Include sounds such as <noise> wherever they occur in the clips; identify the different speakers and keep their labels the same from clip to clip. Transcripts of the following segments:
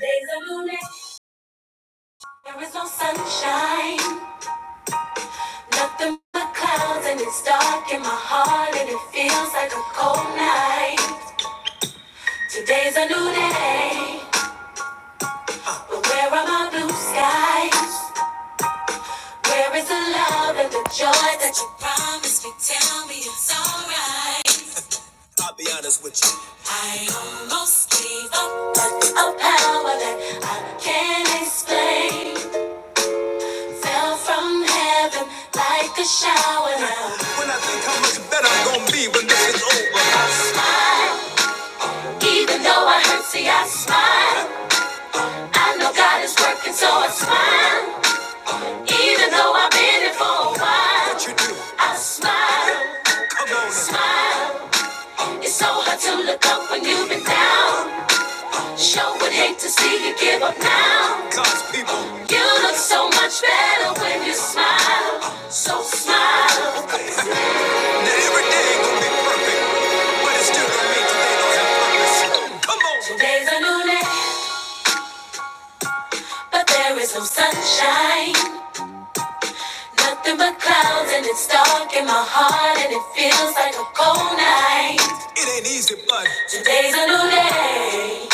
Speaker 1: Days are lonely, there is no sunshine, nothing but clouds, and it's dark in my heart, and it feels like a cold night. Today's a new day, but where are my blue skies? Where is the love and the joy that you promised me? Tell me it's alright. I'll be honest with you. I almost gave up, but a power that I can't explain. Fell from heaven like a shower now. When I think how much better I'm gonna be when this is over, I smile. Even though I hurt, see, I smile. I know God is working, so I smile. Even though I've been here for a while, what you do? I smile. Come on, smile. It's so hard to look up when you've been down. Sure would hate to see you give up now. God's people, you look so much better when you smile. So smile. Today's a new day, but there is no sunshine. Nothing but clouds, and it's dark in my heart, and it feels like a cold night. It ain't easy, but today's a new day.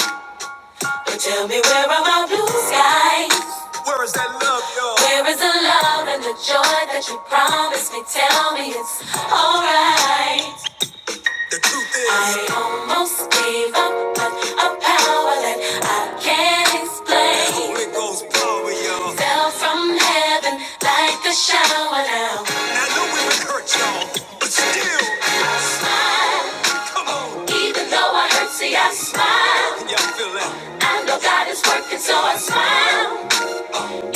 Speaker 1: But tell me, where are my blue skies? Where is that love, y'all? Where is the love and the joy that you promised me? Tell me it's alright. The truth is, I almost gave up, but a power that I can't that explain The Holy Ghost power, y'all. fell from heaven like a shower down. And I know it would hurt y'all, but still, I smile, come on. even though I hurt, see, I smile. Can y'all feel that? I know God is working, so I smile,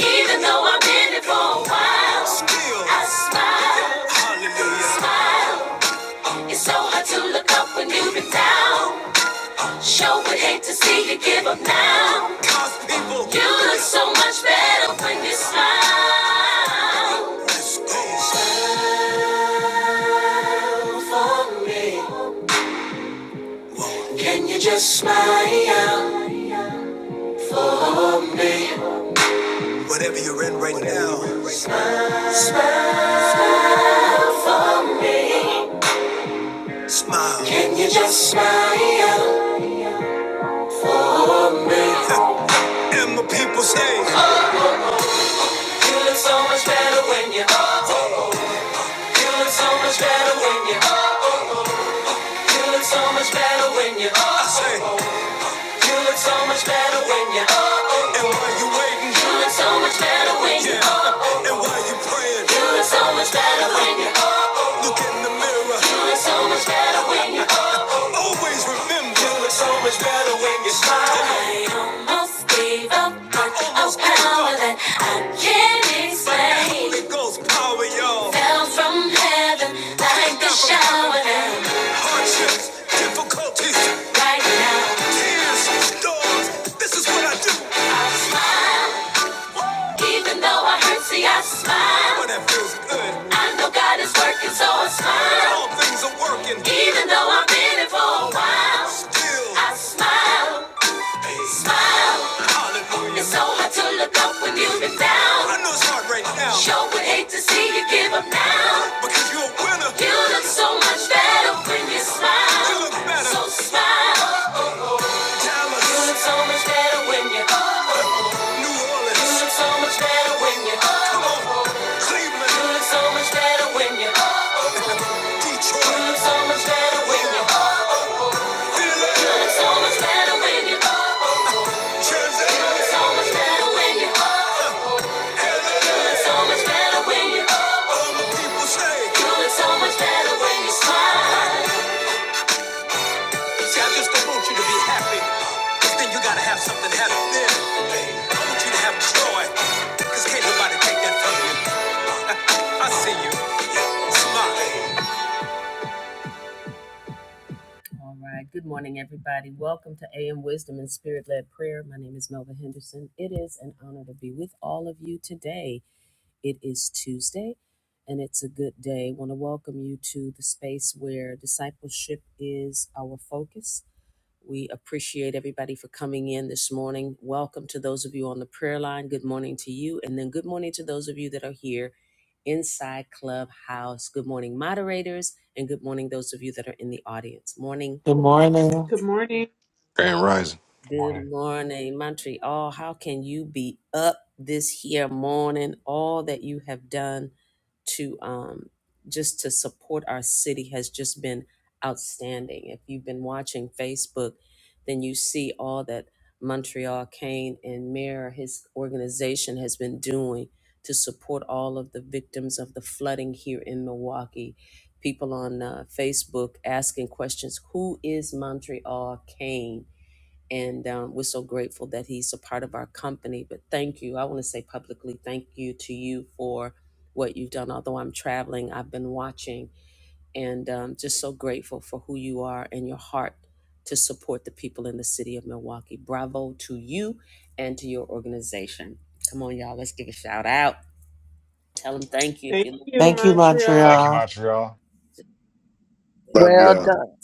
Speaker 1: even though I've been it for a while. Still, I smile, hallelujah. smile, it's so hard to look up when you've been down. Sure would hate to see you give up now. you look so much better when you smile. Smile for me. Can you just smile for me? Whatever you're in right now. Smile for me. Smile. Can you just smile for me? And my people say. You look so much better when you. oh oh oh. You look so much better when you. oh oh oh. You look so much better when you. oh oh you look so much better when you're up. And why you waiting, you look so much better when you're up. And why you praying, you look so much better when you're up. Look in the mirror, you look so much better when you're up. Always remember, you look so much better when you smile. I almost gave up on a power that I can't explain. Holy Ghost power, y'all. Fell from heaven like a shower. Hardships, difficulties right now. Tears, stars, this is what I do. I smile, even though I hurt, see, I smile. But that feels good. I know God is working, so I smile. All things are working. Even though I've been here for a while, Still, I smile, hey, smile. It's so hard to look up when you've been down. I know it's hard right now Sure would hate to see you give up now. because you're a winner. You look so much better when you smile. You look better. So smile. You look so much better when you New Orleans. You look so much better when you Come on. Cleveland. You look so much better when you Detroit. You look so much better when you Philly. You look so much better when you Jersey. You look so much better when you LA. You so All my people say. You look so much better when you smile. See, I just don't want you to be happy, because then you gotta have something happy then. I want you to have joy, because can't nobody take that from you. I see you. Yeah, Smile.
Speaker 2: Good morning.
Speaker 3: Good morning.
Speaker 4: Grand Rising.
Speaker 5: Good morning.
Speaker 3: Thank you,
Speaker 2: Thank you,
Speaker 5: Thank
Speaker 3: Montreal.
Speaker 5: you,
Speaker 2: Montreal.
Speaker 5: Montreal.
Speaker 4: Love
Speaker 6: Well
Speaker 4: y'all.
Speaker 6: done.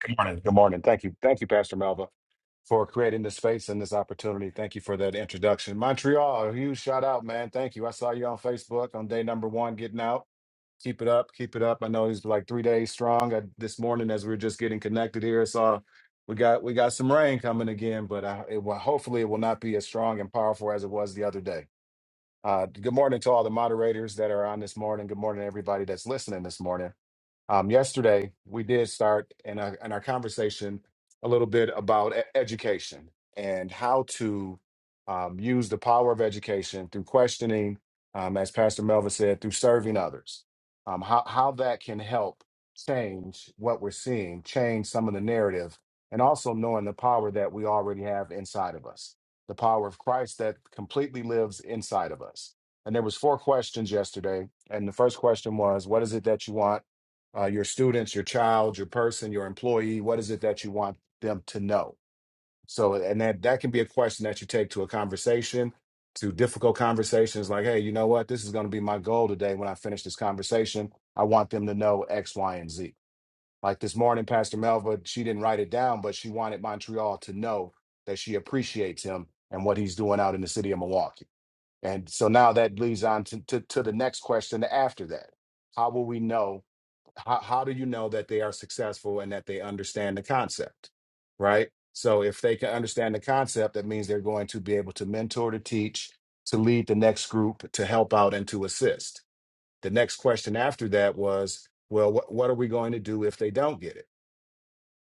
Speaker 5: Good morning. Good morning. Thank you. Thank you, Pastor Melva, for creating this space and this opportunity. Thank you for that introduction. Montreal, a huge shout out, man. Thank you. I saw you on Facebook on day number one, getting out. Keep it up. Keep it up. I know it's like three days strong. I, this morning, as we were just getting connected here, I saw we got we got some rain coming again, but I, it will, hopefully it will not be as strong and powerful as it was the other day. Uh, good morning to all the moderators that are on this morning. Good morning, to everybody that's listening this morning. Um, yesterday, we did start in our, in our conversation a little bit about e- education and how to um, use the power of education through questioning, um, as Pastor Melvin said, through serving others. Um, how how that can help change what we're seeing, change some of the narrative, and also knowing the power that we already have inside of us, the power of Christ that completely lives inside of us. And there was four questions yesterday, and the first question was, "What is it that you want?" uh, your students, your child, your person, your employee? What is it that you want them to know? So, and that that can be a question that you take to a conversation, to difficult conversations. Like, hey, you know what? This is going to be my goal today. When I finish this conversation, I want them to know X, Y, and Z. Like this morning, Pastor Melva, she didn't write it down, but she wanted Montreal to know that she appreciates him and what he's doing out in the city of Milwaukee. And so now that leads on to, to, to the next question after that. How will we know? How, how do you know that they are successful and that they understand the concept? Right. So if they can understand the concept, that means they're going to be able to mentor, to teach, to lead the next group, to help out, and to assist. The next question after that was, well, what, what are we going to do if they don't get it?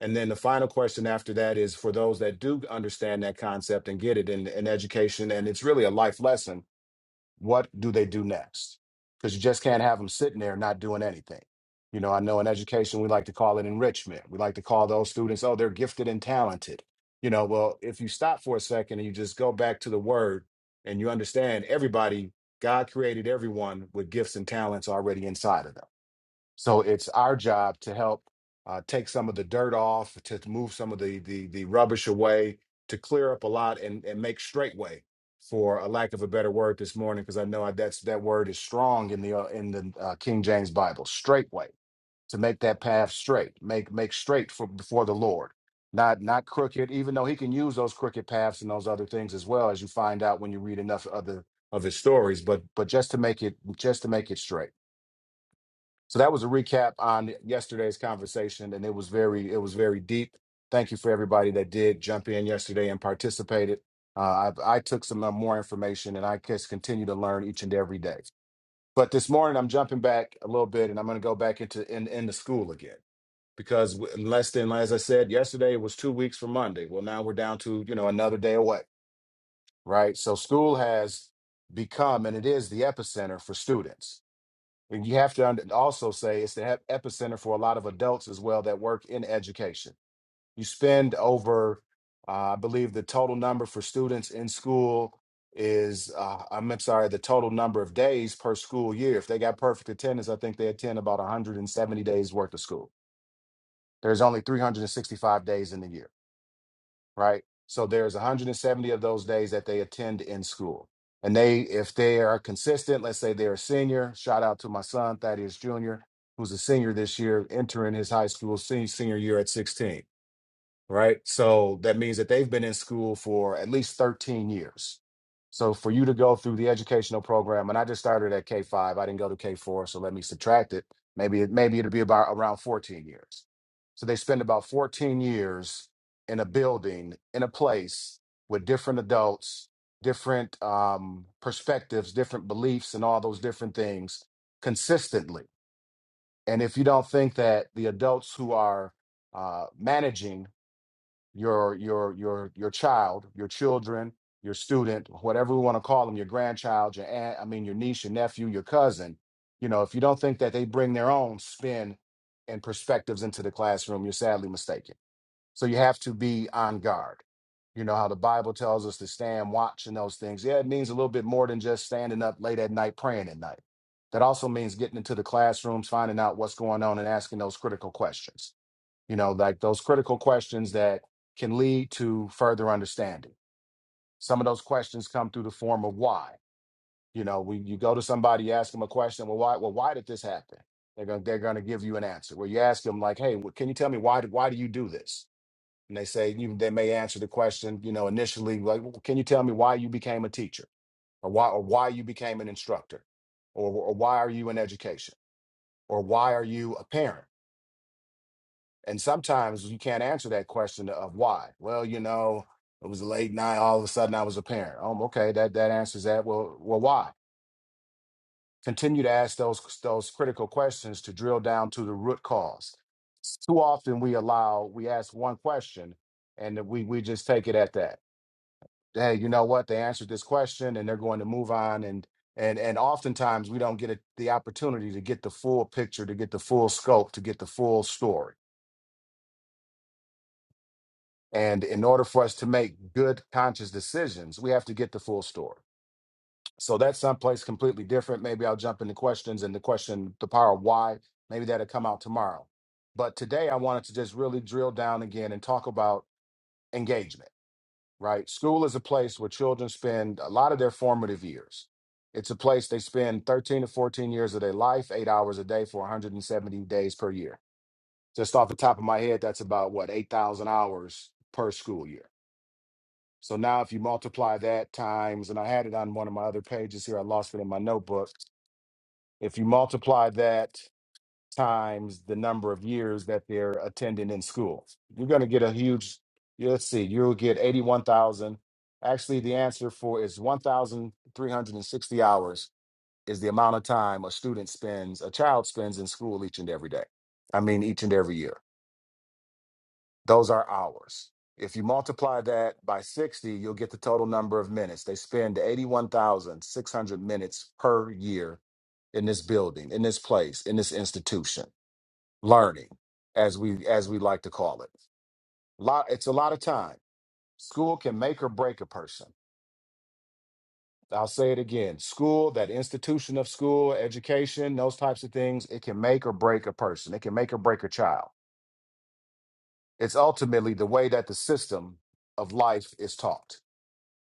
Speaker 5: And then the final question after that is for those that do understand that concept and get it in, in education, and it's really a life lesson what do they do next? Because you just can't have them sitting there not doing anything. You know, I know in education, we like to call it enrichment. We like to call those students, oh, they're gifted and talented. You know, well, if you stop for a second and you just go back to the word and you understand everybody, God created everyone with gifts and talents already inside of them so it's our job to help uh, take some of the dirt off, to move some of the, the the rubbish away, to clear up a lot and and make straightway, for a lack of a better word this morning, because I know I, that's that word is strong in the uh, in the uh, King James Bible, straightway, to make that path straight, make make straight for before the Lord. Not not crooked, even though he can use those crooked paths and those other things as well, as you find out when you read enough other of his stories, but but just to make it just to make it straight. So that was a recap on yesterday's conversation, and it was very it was very deep. Thank you for everybody that did jump in yesterday and participated. Uh, I, I took some uh, more information, and I just continue to learn each and every day. But this morning, I'm jumping back a little bit, and I'm going to go back into in in the school again because w- less than as I said yesterday, it was two weeks from Monday. Well, now we're down to you know another day away, right? So school has become, and it is the epicenter for students and you have to under- also say it's the ep- epicenter for a lot of adults as well that work in education. You spend over, uh, I believe, the total number for students in school is, uh, I'm I'm sorry, the total number of days per school year. If they got perfect attendance, I think they attend about 170 days worth of school. There's only 365 days in the year right? So there's 170 of those days that they attend in school. And they, if they are consistent, let's say they're a senior, shout out to my son, Thaddeus Jr., who's a senior this year, entering his high school se- senior year at 16 right? So that means that they've been in school for at least 13 years. So for you to go through the educational program, and I just started at K five, I didn't go to K four, so let me subtract it. Maybe it maybe it'll be about around 14 years. So they spend about 14 years in a building, in a place with different adults, different um, perspectives, different beliefs, and all those different things consistently. And if you don't think that the adults who are uh, managing your your your your child, your children, your student, whatever we want to call them, your grandchild, your aunt, I mean your niece, your nephew, your cousin, you know, if you don't think that they bring their own spin and perspectives into the classroom, you're sadly mistaken. So you have to be on guard. You know how the Bible tells us to stand watch and those things. Yeah, it means a little bit more than just standing up late at night praying at night. That also means getting into the classrooms, finding out what's going on and asking those critical questions you know, like those critical questions that can lead to further understanding. Some of those questions come through the form of why. You know, when you go to somebody, you ask them a question, well, why? Well, why did this happen? They're gonna they're gonna give you an answer. Where you ask them like, hey, wh- can you tell me why? do- Why do you do this? And they say you, they may answer the question, you know, initially like, well, can you tell me why you became a teacher, or why or why you became an instructor, or, or why are you in education, or why are you a parent? And sometimes you can't answer that question of why. Well, you know, it was a late night. All of a sudden, I was a parent. Oh, okay, that that answers that. Well, well, why? Continue to ask those those critical questions to drill down to the root cause. Too often we allow we ask one question, and we we just take it at that. Hey, you know what? They answered this question, and they're going to move on. And and and oftentimes we don't get a, the opportunity to get the full picture, to get the full scope, to get the full story And in order for us to make good conscious decisions, we have to get the full story. So that's someplace completely different. Maybe I'll jump into questions and the question, the power of why, maybe that'll come out tomorrow. But today I wanted to just really drill down again and talk about engagement, right? School is a place where children spend a lot of their formative years. It's a place they spend 13 to 14 years of their life, eight hours a day for 170 days per year. Just off the top of my head, that's about what, 8,000 hours per school year so now if you multiply that times, and I had it on one of my other pages here, I lost it in my notebook. If you multiply that times the number of years that they're attending in school, you're going to get a huge, yeah, let's see, you'll get 81,000. Actually, the answer for is 1,360 hours is the amount of time a student spends, a child spends in school each and every day. I mean, each and every year. Those are hours. If you multiply that by 60, you'll get the total number of minutes. They spend 81,600 minutes per year in this building, in this place, in this institution, learning, as we as we like to call it. Lot, it's a lot of time. School can make or break a person. I'll say it again. School, that institution of school, education, those types of things, it can make or break a person. It can make or break a child. It's ultimately the way that the system of life is taught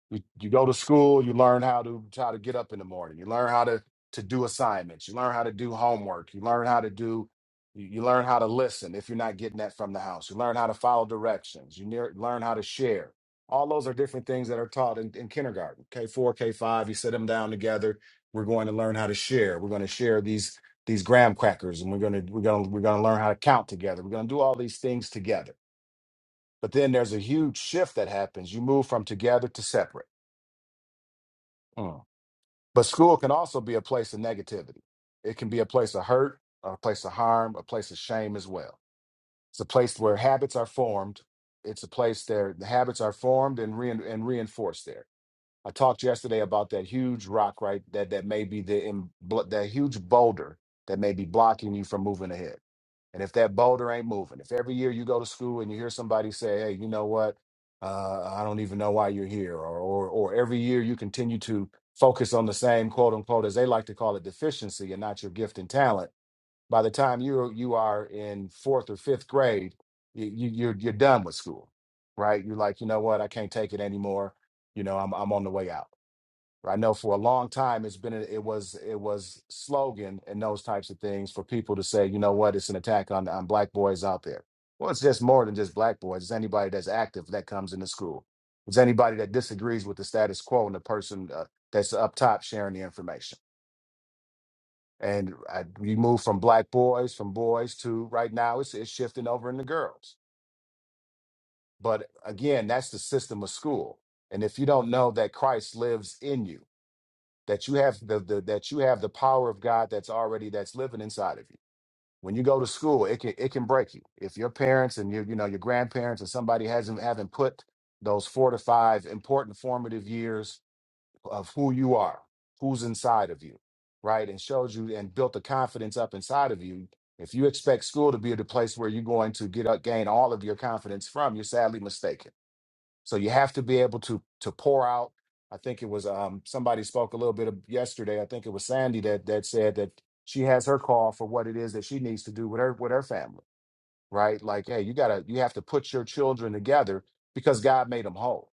Speaker 5: You, you go to school, you learn how to how to get up in the morning. You learn how to to do assignments. You learn how to do homework. You learn how to do you you learn how to listen if you're not getting that from the house. You learn how to follow directions. You near, learn how to share. All those are different things that are taught in, in kindergarten. K4, K5, you sit them down together. We're going to learn how to share. We're going to share these these graham crackers and we're going to we're going to we're going to learn how to count together. We're going to do all these things together. But then there's a huge shift that happens. You move from together to separate. Hmm. But school can also be a place of negativity. It can be a place of hurt, a place of harm, a place of shame as well. It's a place where habits are formed. It's a place there the habits are formed and re and reinforced there. I talked yesterday about that huge rock right that that may be the em- blo- that huge boulder that may be blocking you from moving ahead. And if that boulder ain't moving, if every year you go to school and you hear somebody say, "Hey, you know what? Uh, I don't even know why you're here," or, or or every year you continue to focus on the same quote unquote as they like to call it deficiency and not your gift and talent. By the time you you are in fourth or fifth grade, you, you you're you're done with school, right? You're like, you know what? I can't take it anymore. You know, I'm I'm on the way out I know for a long time it's been a, it was it was slogan and those types of things for people to say, you know what, it's an attack on on black boys out there. Well, it's just more than just black boys. It's anybody that's active that comes into school. It's anybody that disagrees with the status quo and the person uh, that's up top sharing the information. And I, we move from black boys, from boys to right now it's it's shifting over into girls. But again, that's the system of school. And if you don't know that Christ lives in you that you have the, the that you have the power of God that's already that's living inside of you. When you go to school, it can it can break you. If your parents and your you know your grandparents or somebody hasn't haven't put those four to five important formative years of who you are, who's inside of you, right, and showed you and built the confidence up inside of you. If you expect school to be the place where you're going to get up, gain all of your confidence from, you're sadly mistaken so you have to be able to to pour out. I think it was um, somebody spoke a little bit of yesterday. I think it was Sandy that that said that she has her call for what it is that she needs to do with her with her family, right? Like, hey, you gotta you have to put your children together because God made them whole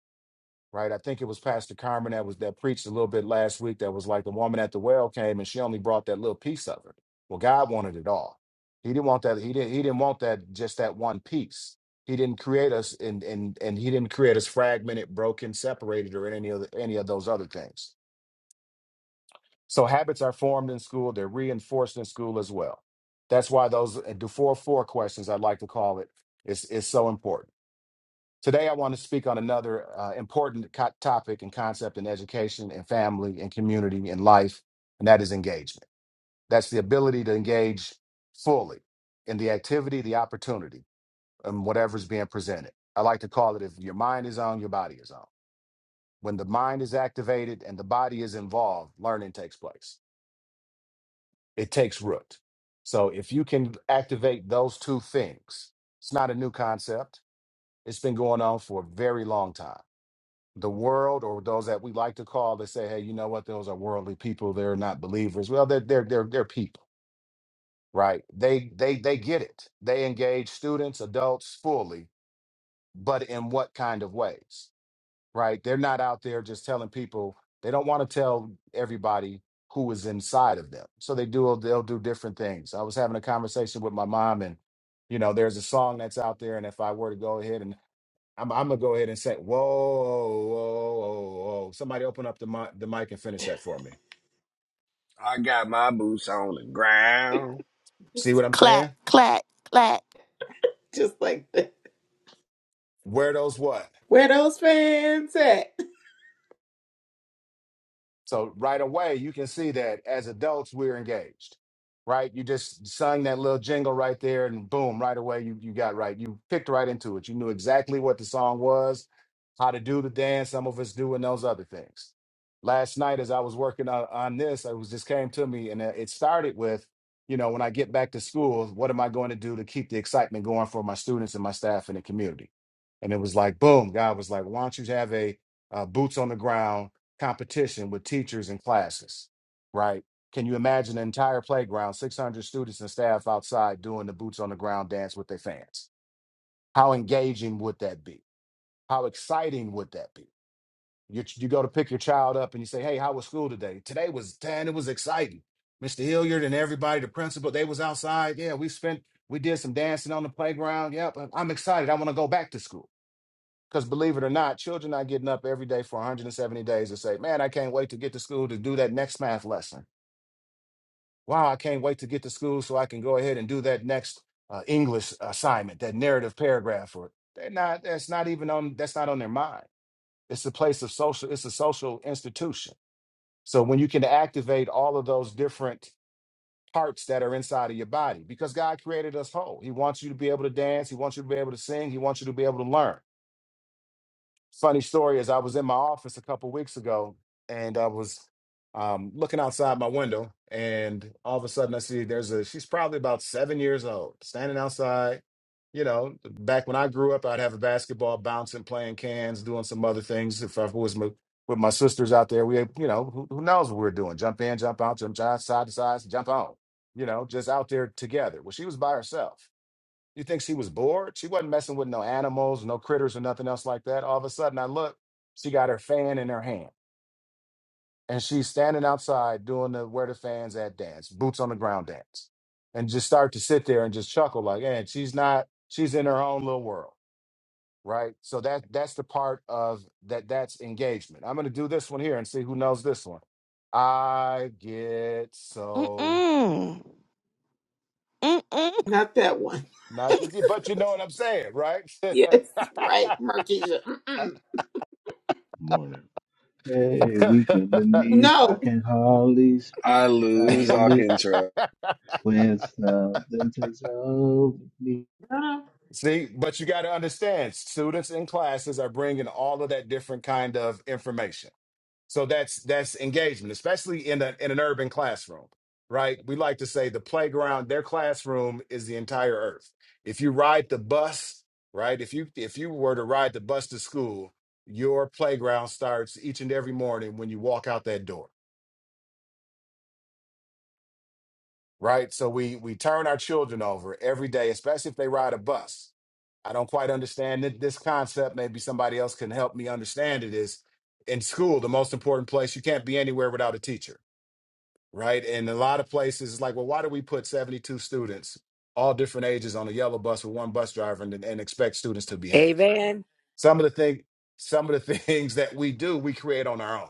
Speaker 5: right? I think it was Pastor Carmen that was that preached a little bit last week that was like the woman at the well came and she only brought that little piece of her. Well, God wanted it all. He didn't want that. He didn't. He didn't want that. Just that one piece. He didn't create us, and and and he didn't create us fragmented, broken, separated, or any of any of those other things. So habits are formed in school. They're reinforced in school as well. That's why those uh, the four four questions I would like to call it is is so important Today, I want to speak on another uh, important co- topic and concept in education and family and community and life, and that is engagement. That's the ability to engage fully in the activity, the opportunity, and whatever's being presented. I like to call it if your mind is on, your body is on. When the mind is activated and the body is involved, learning takes place, it takes root. So, if you can activate those two things, it's not a new concept, it's been going on for a very long time the world or those that we like to call that say, hey, you know what, those are worldly people, they're not believers. Well, they're they're they're, they're people, right? They they they get it. They engage students, adults fully, but in what kind of ways? Right? They're not out there just telling people, they don't want to tell everybody who is inside of them. So they do they'll do different things. I was having a conversation with my mom and you know, there's a song that's out there, and if I were to go ahead and I'm, I'm gonna go ahead and say, whoa, whoa, whoa, whoa. Somebody open up the mic, the mic and finish that for me.
Speaker 4: I got my boots on the ground.
Speaker 5: See
Speaker 3: Just,
Speaker 5: what I'm
Speaker 7: Clack,
Speaker 5: saying?
Speaker 7: clack, clack.
Speaker 3: just like that.
Speaker 5: Where those what?
Speaker 3: Where those fans at?
Speaker 5: So right away, you can see that as adults, we're engaged, right? You just sung that little jingle right there, and boom, right away, you you got right. You picked right into it. You knew exactly what the song was, how to do the dance. Some of us doing those other things. Last night, as I was working on, on this, it was just came to me, and uh, it started with, you know, when I get back to school, what am I going to do to keep the excitement going for my students and my staff and the community? And it was like, boom, God was like, why don't you have a uh, boots on the ground competition with teachers and classes, right? Can you imagine an entire playground, 600 students and staff outside doing the boots on the ground dance with their fans? How engaging would that be? How exciting would that be? You, you go to pick your child up and you say, Hey, how was school today? Today was 10. It was exciting. Mr. Hilliard and everybody, the principal, they was outside. Yeah, we spent, we did some dancing on the playground. Yep, I'm I'm excited. I want to go back to school because believe it or not, children are getting up every day for 170 days and say, Man, I can't wait to get to school to do that next math lesson. Wow, I can't wait to get to school so I can go ahead and do that next uh, English assignment, that narrative paragraph. Or they're not, that's not even on, that's not on their mind. It's a place of social, it's a social institution. So when you can activate all of those different parts that are inside of your body, because God created us whole, He wants you to be able to dance, He wants you to be able to sing, He wants you to be able to learn. funny story is I was in my office a couple weeks ago and I was um, looking outside my window and all of a sudden I see there's a she's probably about seven years old standing outside. You know, back when I grew up, I'd have a basketball bouncing, playing cans, doing some other things. If I was my, with my sisters out there, we, you know, who, who knows what we were doing? Jump in, jump out, jump side to side, jump on. You know, just out there together. Well, she was by herself you think she was bored? She wasn't messing with no animals, no critters, or nothing else like that. All of a sudden, I look, she got her fan in her hand, and she's standing outside doing the where the fans at dance, boots on the ground dance, and just start to sit there and just chuckle like, and she's not, she's in her own little world, right? So that that's the part of that that's engagement. I'm gonna do this one here and see who knows this one. I get so
Speaker 7: Mm-mm. Mm-mm.
Speaker 3: Not that one. <laughs>
Speaker 5: not, that, but you know what I'm saying, right?
Speaker 3: Yes, right, Marquisha. Mm-mm.
Speaker 8: Morning. Hey, weak in the
Speaker 5: <laughs>
Speaker 8: knees, I
Speaker 3: No.
Speaker 8: can hardly
Speaker 4: I
Speaker 8: speak. I
Speaker 4: lose all
Speaker 8: live
Speaker 4: control.
Speaker 5: <laughs>
Speaker 8: when something takes hold of me.
Speaker 5: See, but you got to understand, students in classes are bringing all of that different kind of information. So that's that's engagement, especially in a, in an urban classroom, right? We like to say the playground, their classroom is the entire earth. If you ride the bus, right? If you if you were to ride the bus to school, your playground starts each and every morning when you walk out that door right? So we we turn our children over every day, especially if they ride a bus. I don't quite understand it- this concept. Maybe somebody else can help me understand it. Is in school the most important place? You can't be anywhere without a teacher, right? And a lot of places, it's like, well, why do we put seventy-two students, all different ages, on a yellow bus with one bus driver and, and expect students to behave?
Speaker 9: Amen.
Speaker 5: Some of the thing, some of the <laughs> things that we do, we create on our own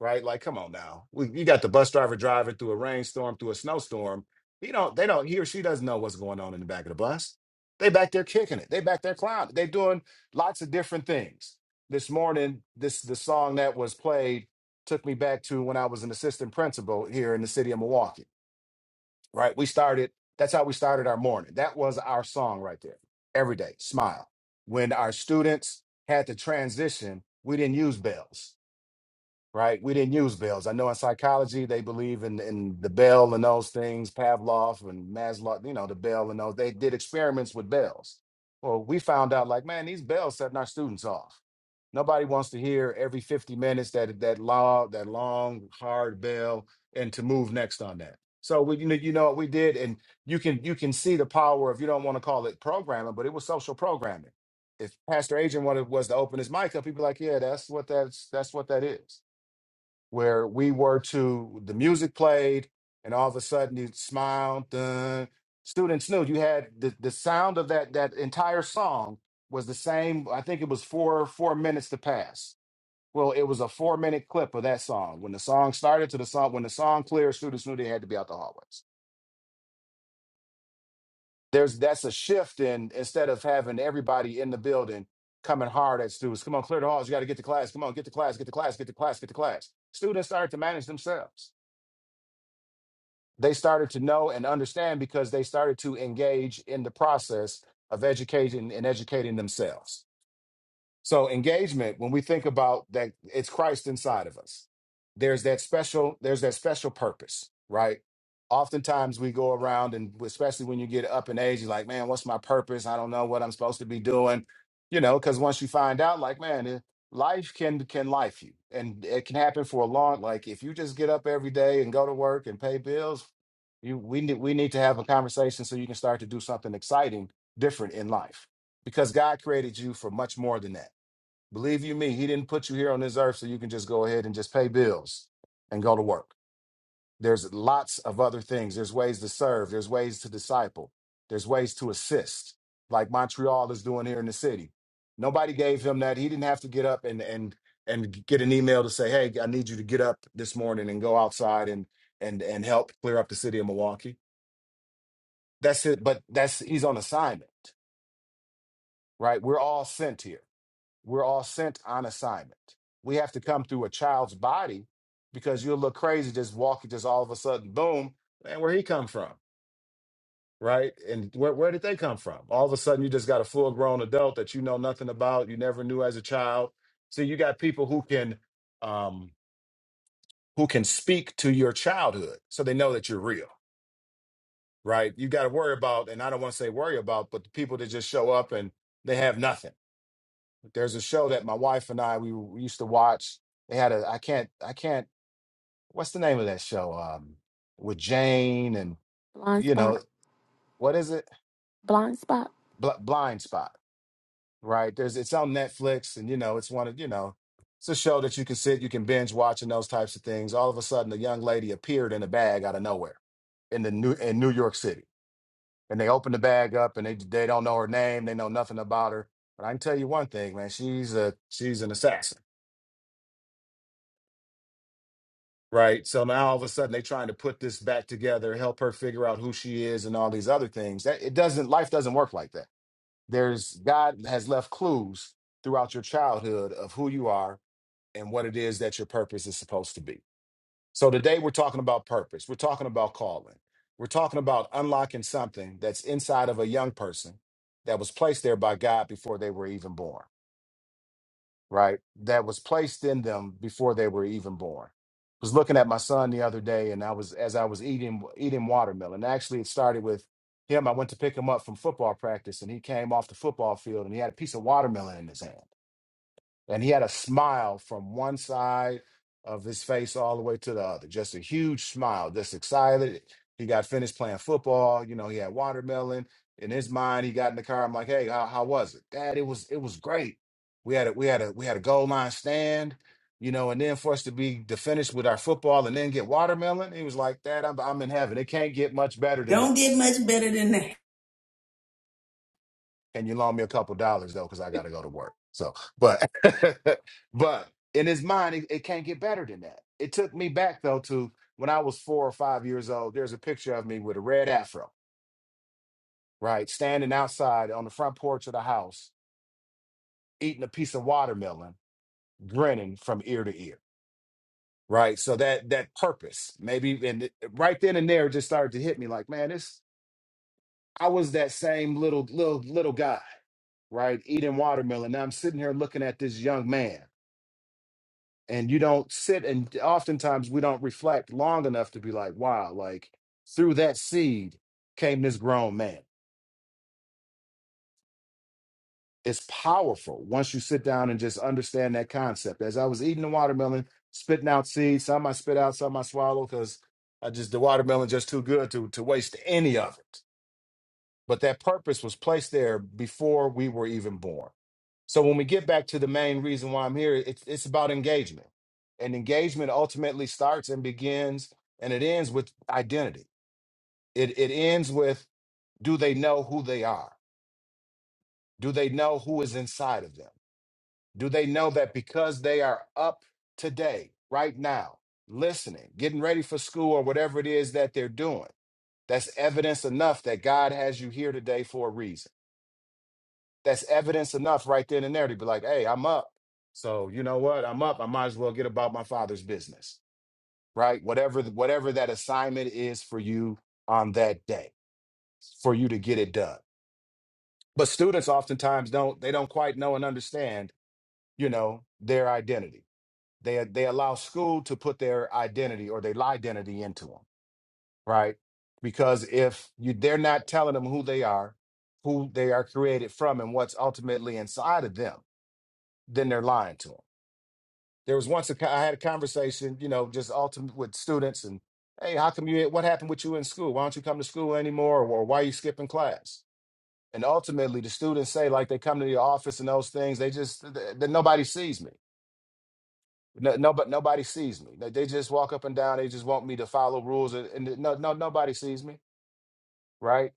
Speaker 5: right? Like, come on now. We, you got the bus driver driving through a rainstorm, through a snowstorm. He don't, they don't, he or she doesn't know what's going on in the back of the bus. They back there kicking it. They back there clowning. They doing lots of different things. This morning, this the song that was played took me back to when I was an assistant principal here in the city of Milwaukee. Right? We started. That's how we started our morning. That was our song right there. Every day, smile. When our students had to transition, we didn't use bells right? We didn't use bells. I know in psychology they believe in in the bell and those things, Pavlov and Maslow, you know, the bell and those. They did experiments with bells. Well, we found out like, man, these bells setting our students off. Nobody wants to hear every 50 minutes that that long, that long, hard bell and to move next on that. So we you know, you know what we did, and you can you can see the power of you don't want to call it programming, but it was social programming. If Pastor Adrian wanted was to open his mic up, he'd be like, Yeah, that's what that's that's what that is where we were to the music played and all of a sudden you smiled. dun. students knew you had the, the sound of that that entire song was the same i think it was four four minutes to pass well it was a four minute clip of that song when the song started to the song when the song cleared students knew they had to be out the hallways there's that's a shift in instead of having everybody in the building coming hard at students come on clear the halls you got to get to class come on get to class get to class get to class get to class students started to manage themselves they started to know and understand because they started to engage in the process of educating and educating themselves. So engagement, when we think about that, it's Christ inside of us. There's that special, there's that special purpose, right? Oftentimes we go around and especially when you get up in age, you're like, man, what's my purpose? I don't know what I'm supposed to be doing. You know, because once you find out, like, man, eh, life can can life you. And it can happen for a long, like if you just get up every day and go to work and pay bills, you we need we need to have a conversation so you can start to do something exciting, different in life. Because God created you for much more than that Believe you me, he didn't put you here on this earth so you can just go ahead and just pay bills and go to work. There's lots of other things. There's ways to serve, there's ways to disciple, there's ways to assist, like Montreal is doing here in the city. Nobody gave him that. He didn't have to get up and and and get an email to say, "Hey, I need you to get up this morning and go outside and and and help clear up the city of Milwaukee." That's it, but that's he's on assignment, right? We're all sent here We're all sent on assignment. We have to come through a child's body because you'll look crazy just walking, just all of a sudden, boom, man, where he come from, right? And where, where did they come from? All of a sudden, you just got a full grown adult that you know nothing about, you never knew as a child. So you got people who can, um, who can speak to your childhood, so they know that you're real, right? You got to worry about, and I don't want to say worry about, but the people that just show up and they have nothing There's a show that my wife and I we, we used to watch. They had a I can't I can't what's the name of that show? Um, with Jane and
Speaker 7: Blind
Speaker 5: you
Speaker 7: spot.
Speaker 5: know what is it?
Speaker 7: Blind spot.
Speaker 5: Bl- Blind Spot, right? There's it's on Netflix and you know it's one of you know it's a show that you can sit you can binge watch and those types of things. All of a sudden, a young lady appeared in a bag out of nowhere in the new in New York City, and they open the bag up, and they they don't know her name, they know nothing about her. But I can tell you one thing, man, she's a she's an assassin Right. So now all of a sudden they're trying to put this back together, help her figure out who she is and all these other things. That it doesn't life doesn't work like that. There's God has left clues throughout your childhood of who you are and what it is that your purpose is supposed to be. So today we're talking about purpose. We're talking about calling. We're talking about unlocking something that's inside of a young person that was placed there by God before they were even born right, that was placed in them before they were even born. I was looking at my son the other day, and I was as I was eating eating watermelon. Actually, it started with him. I went to pick him up from football practice, and he came off the football field, and he had a piece of watermelon in his hand and he had a smile from one side of his face all the way to the other just a huge smile just excited he got finished playing football you know he had watermelon in his mind he got in the car i'm like hey how, how was it dad it was it was great we had a we had a we had a goal line stand you know and then for us to be to finish with our football and then get watermelon he was like dad i'm, I'm in heaven it can't get much better than
Speaker 1: Don't get
Speaker 5: this
Speaker 1: much better than that.
Speaker 5: Can you loan me a couple dollars though? Because I got to go to work. So, but, <laughs> but in his mind, it, it can't get better than that. It took me back though to when I was four or five years old. There's a picture of me with a red afro, right, standing outside on the front porch of the house, eating a piece of watermelon, grinning from ear to ear. Right. So that that purpose, maybe and it- right then and there it just started to hit me like, man, this I was that same little little little guy right? Eating watermelon. Now I'm sitting here looking at this young man and you don't sit and oftentimes we don't reflect long enough to be like wow like through that seed came this grown man it's powerful once you sit down and just understand that concept as i was eating the watermelon spitting out seeds some i spit out some i swallow because i just the watermelon just too good to to waste any of it but that purpose was placed there before we were even born. So when we get back to the main reason why I'm here, it's it's about engagement. And engagement ultimately starts and begins and it ends with identity. It it ends with do they know who they are? Do they know who is inside of them? Do they know that because they are up today, right now, listening, getting ready for school or whatever it is that they're doing, that's evidence enough that God has you here today for a reason that's evidence enough right then and there to be like, hey, I'm up. So you know what? I'm up. I might as well get about my father's business, right? Whatever th- whatever that assignment is for you on that day, for you to get it done. But students oftentimes don't they don't quite know and understand, you know, their identity. They they allow school to put their identity or their identity into them, right? Because if you they're not telling them who they are, who they are created from, and what's ultimately inside of them, then they're lying to them There was once a co- I had a conversation, you know, just ultimate with students and, hey, how come you? What happened with you in school? Why don't you come to school anymore? Or, why are you skipping class? And ultimately, the students say like they come to the office and those things. They just th- th- nobody sees me. No, nobody, nobody sees me. They they just walk up and down. They just want me to follow rules, and, and no, no, nobody sees me, right?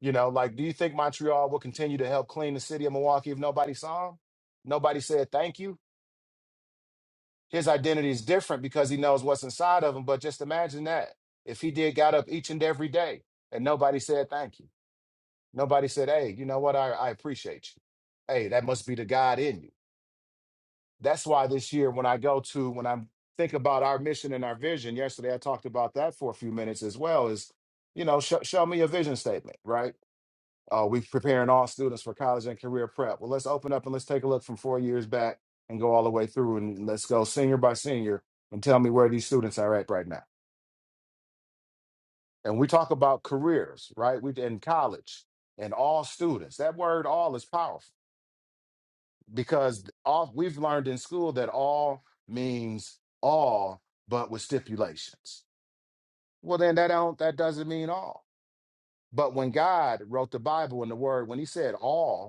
Speaker 5: You know, like, do you think Montreal will continue to help clean the city of Milwaukee if nobody saw them? Nobody said thank you. his identity is different because he knows what's inside of him. But just imagine that if he did got up each and every day and nobody said thank you, nobody said, hey, you know what, I, I appreciate you. Hey, that must be the God in you. That's why this year, when I go to, when I think about our mission and our vision, yesterday I talked about that for a few minutes as well. Is you know, sh- show me your vision statement, right? Uh, we're preparing all students for college and career prep. Well, let's open up and let's take a look from four years back and go all the way through and let's go senior by senior and tell me where these students are at right now. And we talk about careers, right? We in college and all students. That word all is powerful because all we've learned in school that all means all, but with stipulations. Well, then that don't that doesn't mean all. But when God wrote the Bible and the word, when he said all,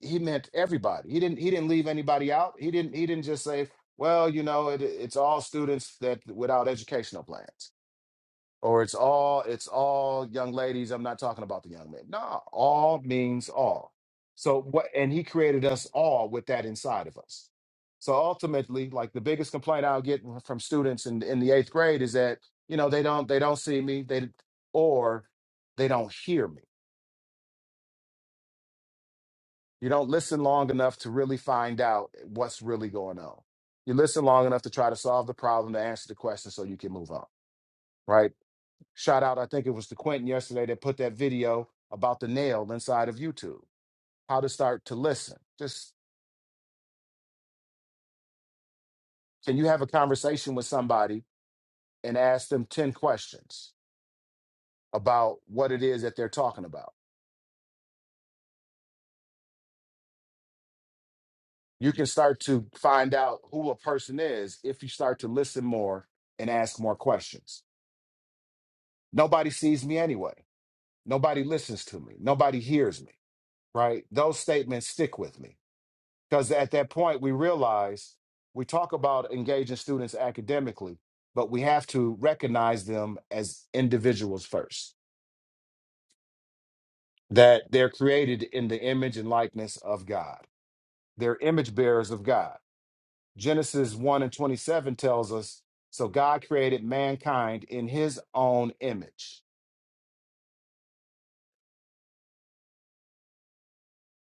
Speaker 5: he meant everybody. He didn't he didn't leave anybody out. He didn't he didn't just say, well, you know, it, it's all students that without educational plans, or it's all it's all young ladies. I'm not talking about the young men. No, all means all. So what? And he created us all with that inside of us. So ultimately, like the biggest complaint I'll get from students in in the eighth grade is that you know they don't they don't see me they or they don't hear me You don't listen long enough to really find out what's really going on. You listen long enough to try to solve the problem, to answer the question so you can move on, right? Shout out, I think it was to Quentin yesterday that put that video about the nail inside of YouTube, how to start to listen. Just can you have a conversation with somebody and ask them 10 questions about what it is that they're talking about? You can start to find out who a person is if you start to listen more and ask more questions. Nobody sees me anyway Nobody listens to me. Nobody hears me, right? Those statements stick with me because at that point we realize we talk about engaging students academically, but we have to recognize them as individuals first, that they're created in the image and likeness of God. They're image bearers of God. Genesis 1 and 27 tells us so God created mankind in his own image.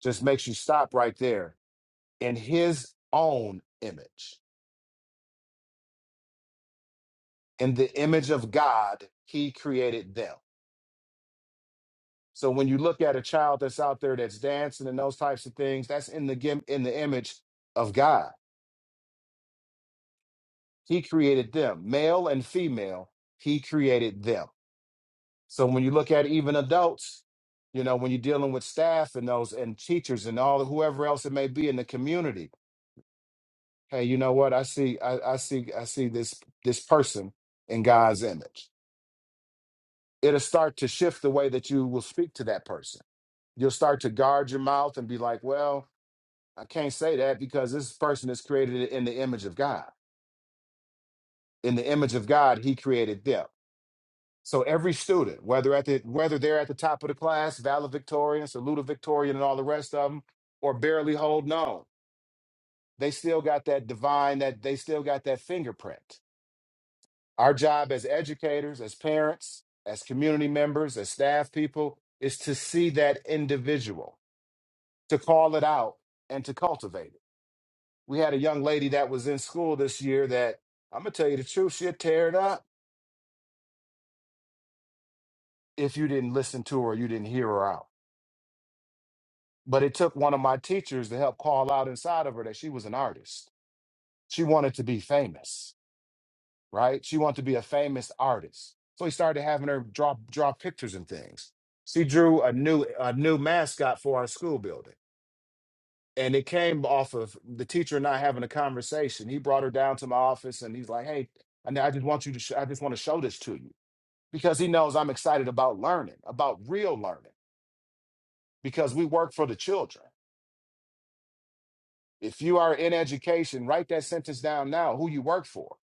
Speaker 5: Just makes you stop right there in his own image in the image of God, he created them. So when you look at a child that's out there that's dancing and those types of things, that's in the gim- in the image of God. He created them, male and female. He created them. So when you look at even adults, you know, when you're dealing with staff and those and teachers and all whoever else it may be in the community, hey, you know what? I see, I, I see, I see this this person in God's image. It'll start to shift the way that you will speak to that person You'll start to guard your mouth and be like, well, I can't say that because this person is created in the image of God. In the image of God, he created them. So every student, whether at the whether they're at the top of the class, valedictorian, salutatorian, and all the rest of them, or barely holding on, they still got that divine, that they still got that fingerprint. Our job as educators, as parents, as community members, as staff people, is to see that individual, to call it out, and to cultivate it. we had a young lady that was in school this year that I'm gonna tell you the truth, she'd tear it up if you didn't listen to her, you didn't hear her out. But it took one of my teachers to help call out inside of her that she was an artist. She wanted to be famous, right? She wanted to be a famous artist. So he started having her draw draw pictures and things. She drew a new a new mascot for our school building. And it came off of the teacher and I having a conversation. He brought her down to my office and he's like, "Hey, I I just want you to. Sh- I just want to show this to you." because he knows I'm excited about learning, about real learning, because we work for the children. If you are in education, write that sentence down now, who you work for,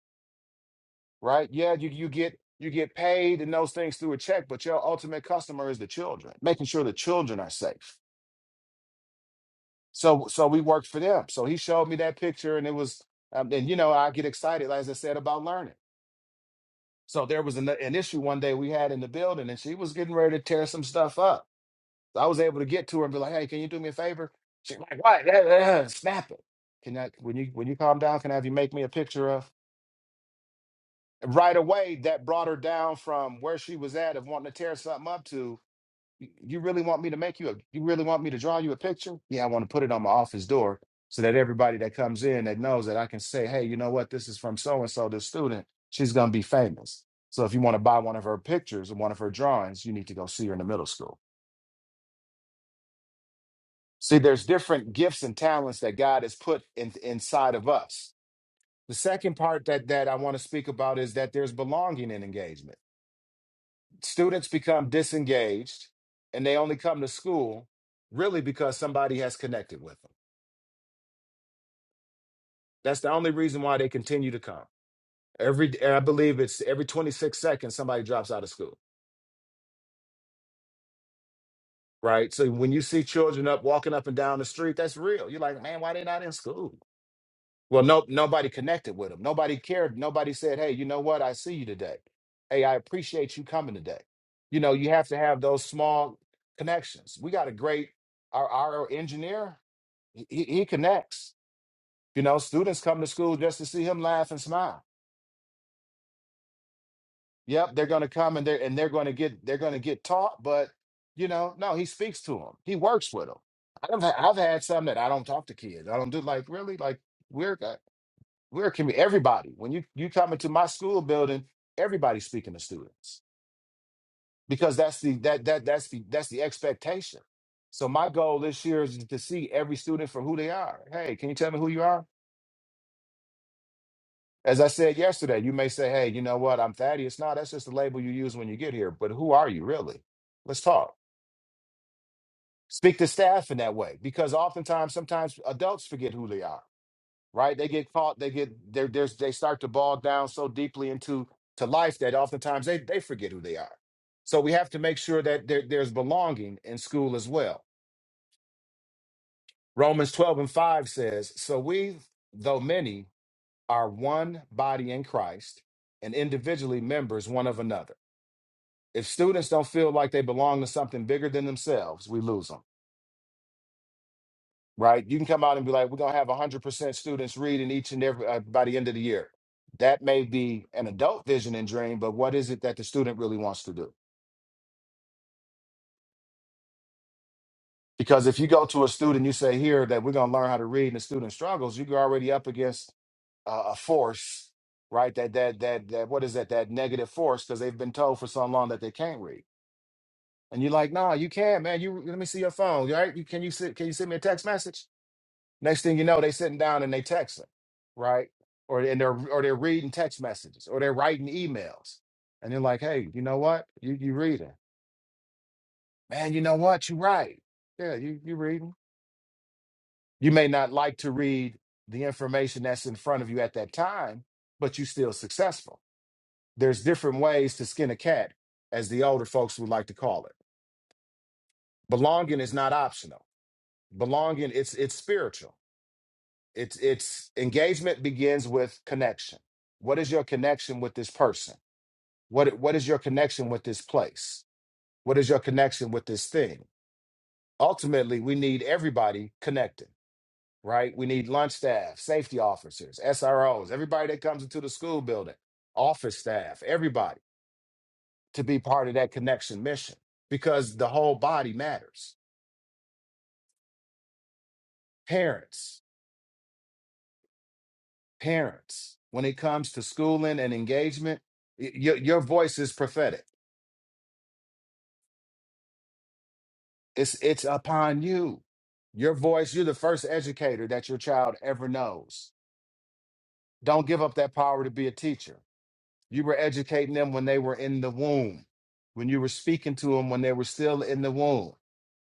Speaker 5: right? Yeah, you, you get you get paid and those things through a check, but your ultimate customer is the children, making sure the children are safe. So so we worked for them. So he showed me that picture and it was um, and you know, I get excited, as I said, about learning. So there was an, an issue one day we had in the building and she was getting ready to tear some stuff up. So I was able to get to her and be like, "Hey, can you do me a favor?" She's like, "What? Yeah, yeah, yeah, Snap it. Can I when you when you calm down? Can I have you make me a picture of?" Right away, that brought her down from where she was at of wanting to tear something up to. "You you really want me to make you a? You really want me to draw you a picture? Yeah, I want to put it on my office door so that everybody that comes in that knows that I can say, "Hey, you know what? This is from so and so, this student. She's gonna be famous." So if you want to buy one of her pictures or one of her drawings, you need to go see her in the middle school. See, there's different gifts and talents that God has put in, inside of us. The second part that, that I want to speak about is that there's belonging in engagement. Students become disengaged and they only come to school really because somebody has connected with them. That's the only reason why they continue to come. Every I believe it's every 26 seconds somebody drops out of school, right? So when you see children up walking up and down the street, that's real. You're like, man, why they not in school? Well, no, nobody connected with him. Nobody cared. Nobody said, "Hey, you know what? I see you today. Hey, I appreciate you coming today." You know, you have to have those small connections. We got a great our our engineer. He, he he connects. You know, students come to school just to see him laugh and smile. Yep, they're going to come and they're and they're going to get they're going to get taught. But you know, no, he speaks to them. He works with them. I've I've had some that I don't talk to kids. I don't do like really like weird. We're a community. Everybody. When you you come into my school building, everybody's speaking to students because that's the that that that's the that's the expectation. So my goal this year is to see every student for who they are. Hey, can you tell me who you are? As I said yesterday, you may say, "Hey, you know what? I'm Thaddeus." No, that's just the label you use when you get here. But who are you really? Let's talk. Speak to staff in that way because oftentimes, sometimes adults forget who they are right? They get caught, they get they're, they're, they start to bog down so deeply into to life that oftentimes they, they forget who they are. So we have to make sure that there, there's belonging in school as well. Romans 12 and 5 says, So we, though many, are one body in Christ and individually members one of another. If students don't feel like they belong to something bigger than themselves, we lose them. right? You can come out and be like, we're gonna have 100% students reading each and every uh, by the end of the year. That may be an adult vision and dream, but what is it that the student really wants to do? Because if you go to a student, you say here that we're gonna learn how to read, and the student struggles, you're already up against uh, a force, right? That that that that what is that? That negative force because they've been told for so long that they can't read, and you're like, nah, you can, man. You let me see your phone, right? You can you sit, can you send me a text message? Next thing you know, they sitting down and they texting, right? Or and they're or they're reading text messages or they're writing emails. And they're like, hey, you know what? You you reading. Man, you know what? You right. Yeah, you you reading. You may not like to read the information that's in front of you at that time, but you still successful. There's different ways to skin a cat, as the older folks would like to call it. Belonging is not optional. Belonging, it's it's spiritual It's it's engagement begins with connection. What is your connection with this person? What what is your connection with this place? What is your connection with this thing? Ultimately, we need everybody connected, right? We need lunch staff, safety officers, SROs, everybody that comes into the school building, office staff, everybody to be part of that connection mission because the whole body matters. Parents, parents, when it comes to schooling and engagement, y- your your voice is prophetic It's it's upon you. Your voice, you're the first educator that your child ever knows. Don't give up that power to be a teacher. You were educating them when they were in the womb, when you were speaking to them when they were still in the womb.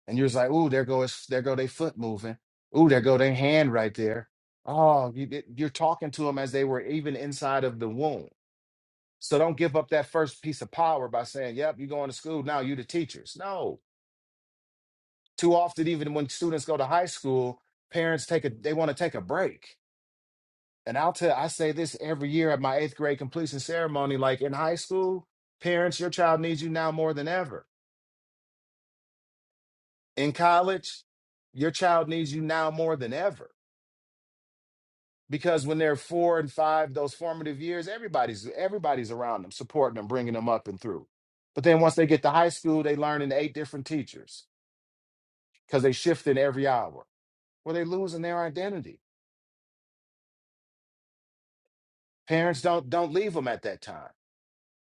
Speaker 5: And you was like, ooh, there goes there go their foot moving. Ooh, there go their hand right there. Oh, you, did- you're talking to them as they were even inside of the womb. So don't give up that first piece of power by saying, yep, you're going to school now, you the teachers. No, too often even when students go to high school parents take a they want to take a break and i'll tell i say this every year at my eighth grade completion ceremony like in high school parents your child needs you now more than ever in college your child needs you now more than ever because when they're four and five those formative years everybody's everybody's around them supporting them bringing them up and through but then once they get to high school they learn in eight different teachers because they shift in every hour where they losing their identity parents don't don't leave them at that time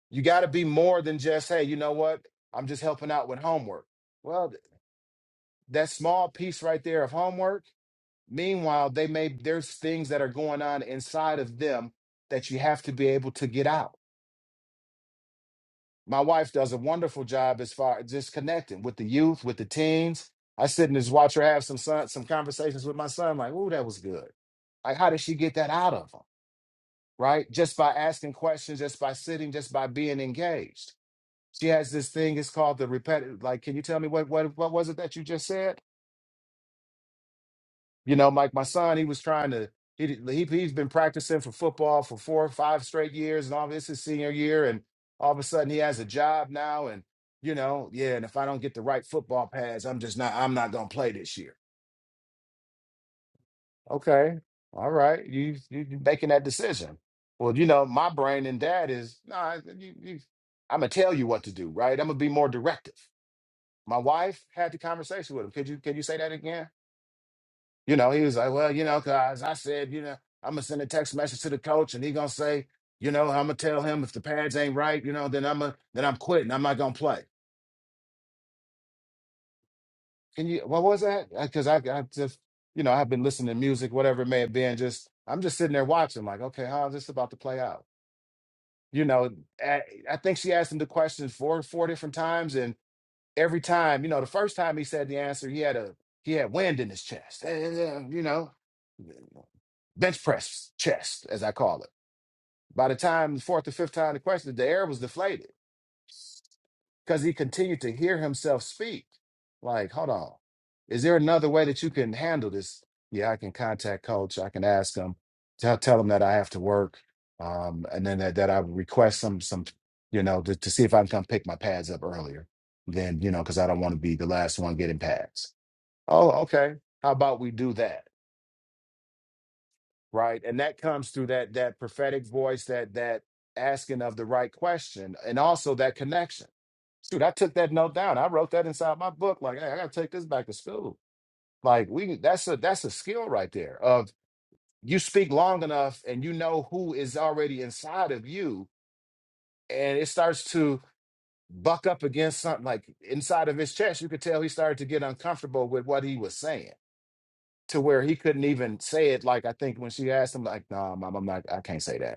Speaker 5: you got to be more than just hey you know what i'm just helping out with homework well th- that small piece right there of homework meanwhile they may there's things that are going on inside of them that you have to be able to get out my wife does a wonderful job as far as just connecting with the youth with the teens i sit and just watch her have some son, some conversations with my son like oh that was good like how did she get that out of him right just by asking questions just by sitting just by being engaged she has this thing it's called the repetitive like can you tell me what what what was it that you just said you know like my son he was trying to he, did- he he's been practicing for football for four or five straight years and all this is senior year and all of a sudden he has a job now and you know yeah and if i don't get the right football pads i'm just not i'm not going to play this year okay all right you you you making that decision well you know my brain and dad is nah, you, you, i'm going to tell you what to do right i'm going to be more directive My wife had the conversation with him. Could you could you say that again? You know, he was like, well, you know, cause I said, you know, I'm gonna send a text message to the coach, and he gonna say, you know, I'm gonna tell him if the pads ain't right, you know, then I'm a then I'm quitting. I'm not gonna play. Can you? What was that? Because I, 'cause I I just, you know, I've been listening to music, whatever it may have been. Just I'm just sitting there watching, like, okay, how is this about to play out? You know, I, I think she asked him the question four four different times, every time, you know, the first time he said the answer, he had a he had wind in his chest. Eh, eh, eh, You know, bench press chest, as I call it. By the time the fourth or fifth time the question, the air was deflated because he continued to hear himself speak. Like, hold on, is there another way that you can handle this? Yeah, I can contact coach. I can ask him, tell tell him that I have to work, um, and then that, that I would request some some, you know, to, to see if I can come pick my pads up earlier. Then you know, because I don't want to be the last one getting pads. Oh, okay. How about we do that? right and that comes through that that prophetic voice that that asking of the right question and also that connection shoot i took that note down i wrote that inside my book like hey i gotta take this back to school like we that's a that's a skill right there of you speak long enough and you know who is already inside of you and it starts to buck up against something like inside of his chest you could tell he started to get uncomfortable with what he was saying to where he couldn't even say it like i think when she asked him like no mom i'm not i can't say that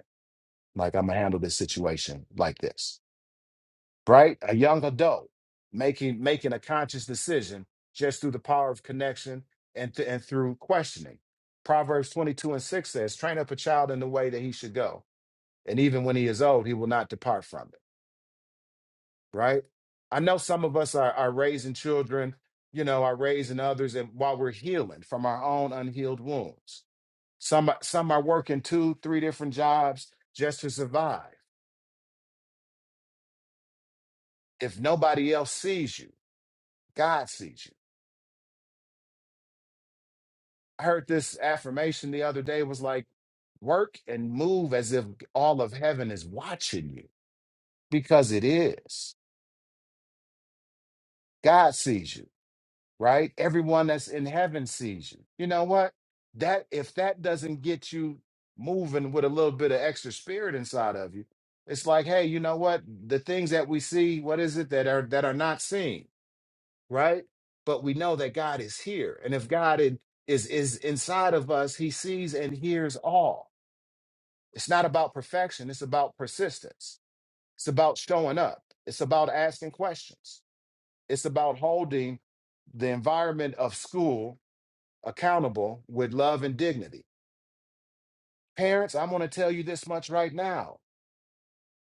Speaker 5: like i'm gonna handle this situation like this right a young adult making making a conscious decision just through the power of connection and th- and through questioning proverbs 22 and 6 says train up a child in the way that he should go and even when he is old he will not depart from it right i know some of us are, are raising children you know are raising others and while we're healing from our own unhealed wounds some some are working two three different jobs just to survive if nobody else sees you God sees you. I heard this affirmation the other day was like, work and move as if all of heaven is watching you because it is. God sees you, right? Everyone that's in heaven sees you. You know what? That if that doesn't get you moving with a little bit of extra spirit inside of you, it's like, hey, you know what? The things that we see, what is it that are that are not seen? right? But we know that God is here. And if God in- is, is inside of us, he sees and hears all. It's not about perfection, it's about persistence. It's about showing up, it's about asking questions, it's about holding the environment of school accountable with love and dignity. Parents, I'm going to tell you this much right now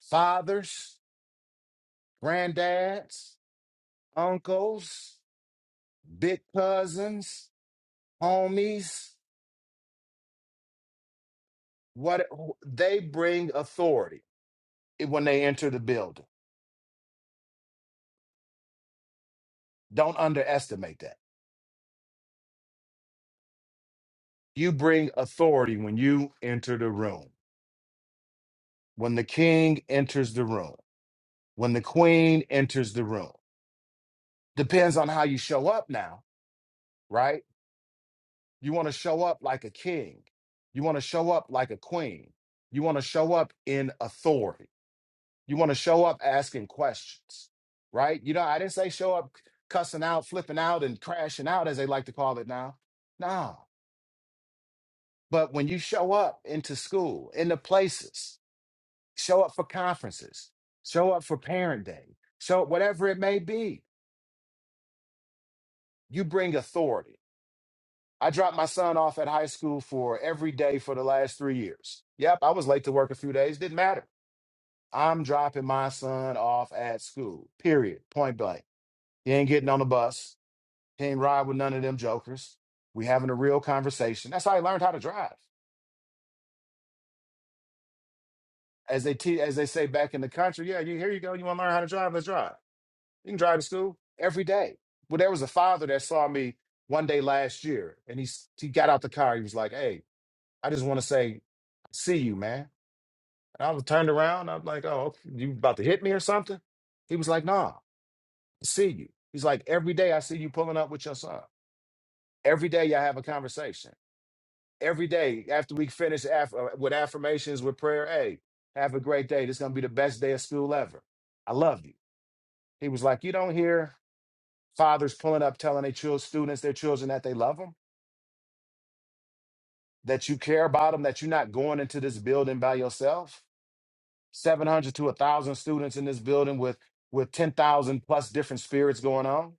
Speaker 5: fathers, granddads, uncles, big cousins, homies. What they bring authority when they enter the building. Don't underestimate that. You bring authority when you enter the room. When the king enters the room. When the queen enters the room. Depends on how you show up now, right? You want to show up like a king. You want to show up like a queen. You want to show up in authority. You want to show up asking questions, right? You know, I didn't say show up cussing out, flipping out, and crashing out, as they like to call it now. No. But when you show up into school, into places, show up for conferences, show up for parent day, show up whatever it may be, you bring authority. I dropped my son off at high school for every day for the last three years. Yep, I was late to work a few days, didn't matter. I'm dropping my son off at school, period, point blank. He ain't getting on the bus. Can't ride with none of them jokers. We having a real conversation. That's how I learned how to drive. As they te- as they say back in the country, yeah, you, here you go. You want to learn how to drive? Let's drive. You can drive to school every day. Well, there was a father that saw me one day last year, and he s- he got out the car. He was like, "Hey, I just want to say, see you, man." And I was turned around. I'm like, "Oh, okay, you about to hit me or something?" He was like, "Nah, I see you." He's like, "Every day I see you pulling up with your son. Every day y'all have a conversation." every day after we finish aff- uh, with affirmations with prayer. Hey, have a great day. This is gonna be the best day of school ever. I love you. He was like, you don't hear fathers pulling up telling their children, students, their children that they love them, that you care about them, that you're not going into this building by yourself. Seven hundred to a thousand students in this building with with ten thousand plus different spirits going on.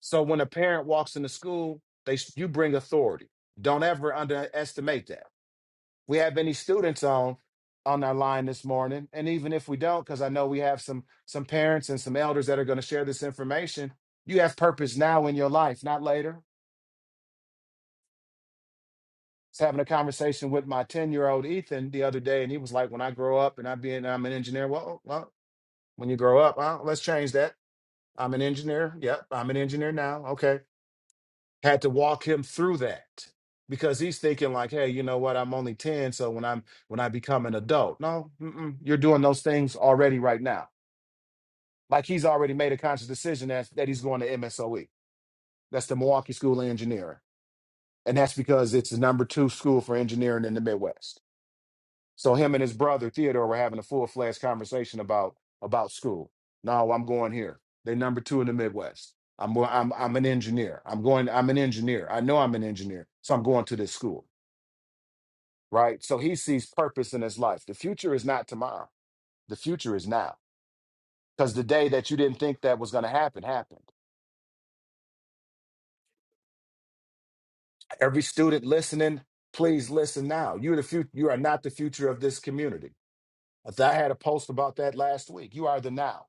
Speaker 5: So when a parent walks into school, they you bring authority. Don't ever underestimate that we have any students on on our line this morning and even if we don't because i know we have some some parents and some elders that are going to share this information you have purpose now in your life not later i was having a conversation with my 10 year old ethan the other day and he was like when i grow up and i be an, i'm an engineer well, well when you grow up uh, let's change that i'm an engineer yep i'm an engineer now okay had to walk him through that because he's thinking like hey you know what i'm only 10 so when i'm when i become an adult no mm-mm, you're doing those things already right now like he's already made a conscious decision that, that he's going to msoe that's the milwaukee school of engineering and that's because it's the number two school for engineering in the midwest so him and his brother Theodore were having a full fledged conversation about about school. No, I'm going here. They're number two in the Midwest. I'm go- I'm I'm an engineer. I'm going. I'm an engineer. I know I'm an engineer, so I'm going to this school, right? So he sees purpose in his life. The future is not tomorrow. The future is now. Because the day that you didn't think that was going to happen happened. Every student listening, please listen now. You're the future. You are not the future of this community. I th- I had a post about that last week. You are the now.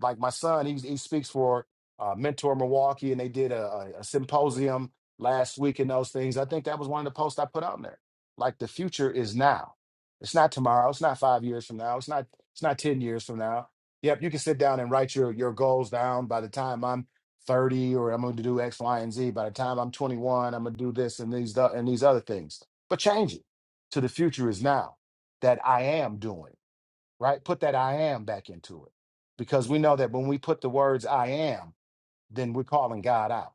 Speaker 5: like my son, he, he speaks for uh, Mentor Milwaukee, and they did a, a, a symposium last week and those things. I think that was one of the posts I put out there. Like the future is now. It's not tomorrow. It's not five years from now. It's not. It's not ten years from now. Yep, you can sit down and write your your goals down. By the time I'm thirty, or I'm going to do X, Y, and Z. By the time I'm 21, I'm going to do this and these tho- and these other things. But change it to the future is now that I am doing right? Put that I am back into it. Because we know that when we put the words I am, then we're calling God out.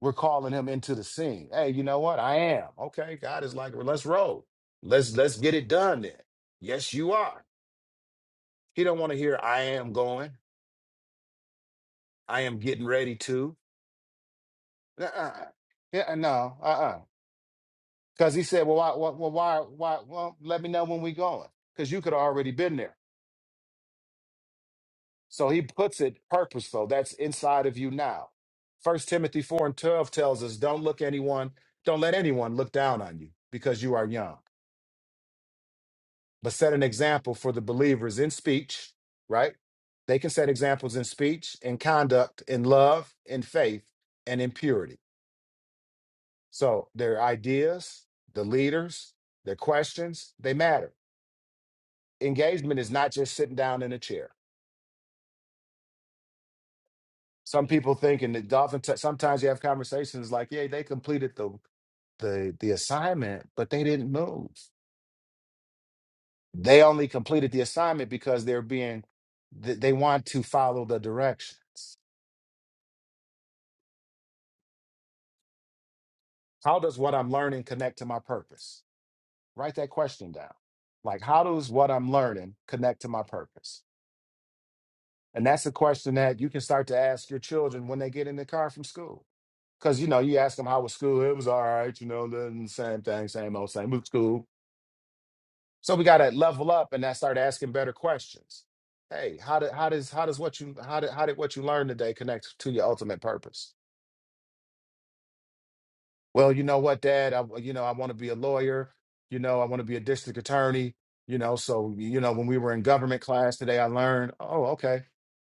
Speaker 5: We're calling him into the scene. Hey, you know what? I am. Okay, God is like, well, let's roll. Let's let's get it done then. Yes, you are. He don't want to hear I am going. I am getting ready to. Uh-uh. Yeah, no, uh-uh. Because he said, well, why, why, well, why, why, well, let me know when we going. Because you could have already been there. So he puts it purposeful. That's inside of you now. First Timothy 4 and 12 tells us don't look anyone, don't let anyone look down on you because you are young, but set an example for the believers in speech, right? They can set examples in speech, in conduct, in love, in faith, and in purity. So their ideas, the leaders, their questions, they matter. Engagement is not just sitting down in a chair. Some people think, and the dolphin. T- sometimes you have conversations like, "Yeah, they completed the the the assignment, but they didn't move. They only completed the assignment because they're being th- they want to follow the directions. How does what I'm learning connect to my purpose? Write that question down. Like how does what I'm learning connect to my purpose? And that's a question that you can start to ask your children when they get in the car from school. Cause you know, you ask them how was school. It was all right, you know, the same thing, same old, same old school. So we got to level up and I start asking better questions. Hey, how did how does how does what you how did how did what you learned today connect to your ultimate purpose? Well, you know what, Dad, I, you know I want to be a lawyer. You know I want to be a district attorney. You know, so you know when we were in government class today, I learned. Oh, okay.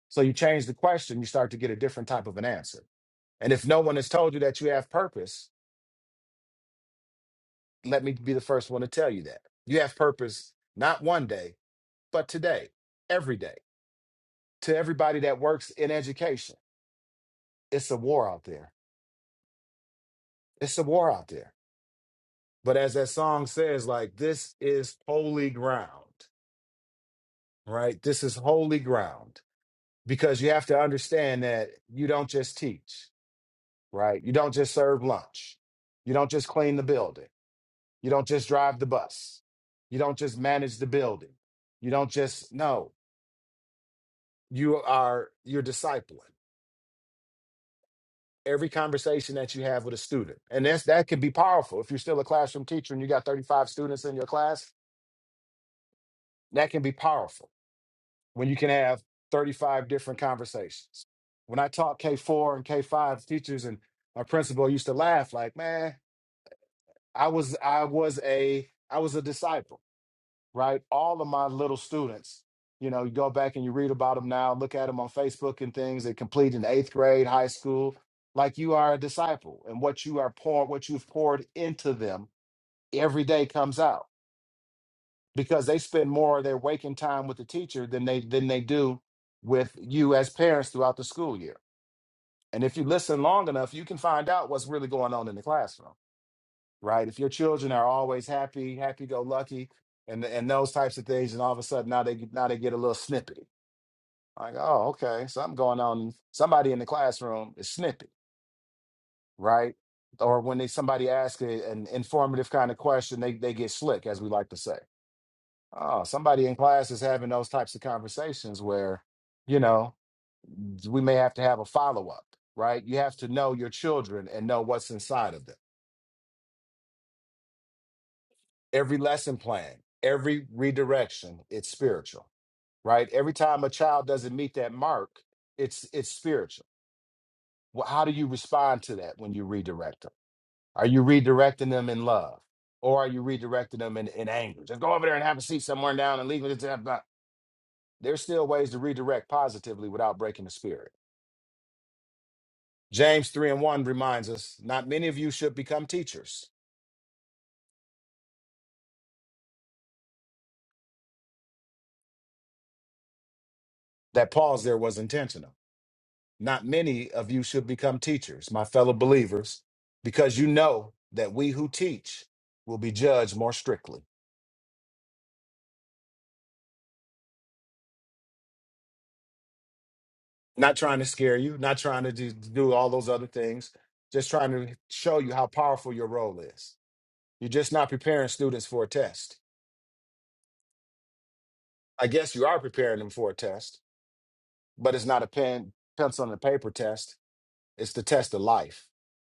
Speaker 5: So you change the question, you start to get a different type of an answer. And if no one has told you that you have purpose, let me be the first one to tell you that you have purpose not one day, but today, every day. to everybody that works in education. It's a war out there. It's a war out there. But as that song says, like, this is holy ground, right? This is holy ground because you have to understand that you don't just teach, right? You don't just serve lunch. You don't just clean the building. You don't just drive the bus. You don't just manage the building. You don't just, no, you are, you're discipling. every conversation that you have with a student. And that's that could be powerful. If you're still a classroom teacher and you got 35 students in your class, that can be powerful when you can have 35 different conversations. When I taught K4 and K5 teachers and my principal used to laugh like, "Man, I was I was a I was a disciple." right? All of my little students, you know, you go back and you read about them now, look at them on Facebook and things. They complete in eighth grade, high school. Like you are a disciple, and what you are pouring, what you've poured into them every day comes out because they spend more of their waking time with the teacher than they than they do with you as parents throughout the school year. And if you listen long enough, you can find out what's really going on in the classroom right? If your children are always happy, happy go lucky, and and those types of things, and all of a sudden now they get- now they get a little snippy. Like, oh, okay, something going on. Somebody in the classroom is snippy, right? Or when they somebody asks a- an informative kind of question, they they get slick, as we like to say. Oh, somebody in class is having those types of conversations where, you know, we may have to have a follow up, right? You have to know your children and know what's inside of them. Every lesson plan, every redirection, it's spiritual right? Every time a child doesn't meet that mark, it's it's spiritual. Well, how do you respond to that when you redirect them? Are you redirecting them in love, or are you redirecting them in, in anger? Just go over there and have a seat somewhere down and leave it. at that. There's still ways to redirect positively without breaking the spirit. James three and one reminds us: not many of you should become teachers. That pause there was intentional. Not many of you should become teachers, my fellow believers, because you know that we who teach will be judged more strictly. Not trying to scare you, not trying to do, do all those other things, just trying to show you how powerful your role is. You're just not preparing students for a test. I guess you are preparing them for a test, but it's not a pen, pencil, and a paper test. It's the test of life,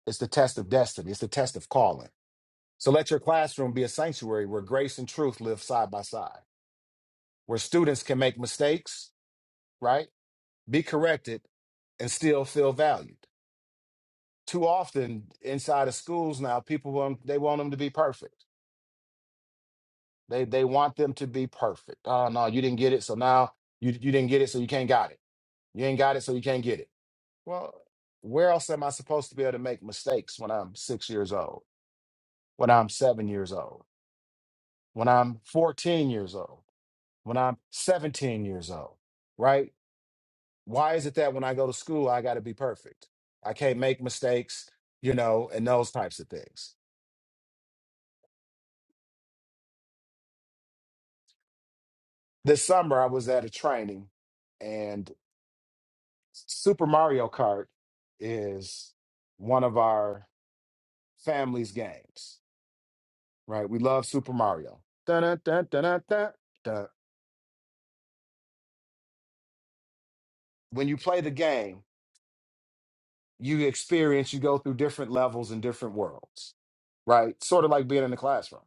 Speaker 5: it's the test of destiny, it's the test of calling. So let your classroom be a sanctuary where grace and truth live side by side, where students can make mistakes, right? Be corrected, and still feel valued. too often inside of schools now, people want they want them to be perfect. They they want them to be perfect. Oh no, you didn't get it, so now you you didn't get it, so you can't got it. You ain't got it, so you can't get it. Well, where else am I supposed to be able to make mistakes when I'm six years old, when I'm seven years old, when I'm 14 years old, when I'm 17 years old, right? Why is it that when I go to school, I got to be perfect? I can't make mistakes, you know, and those types of things This summer, I was at a training, and Super Mario Kart is one of our family's games, right? We love Super Mario. Dun, dun, dun, dun, dun, dun. When you play the game, you experience, you go through different levels and different worlds, right? Sort of like being in the classroom.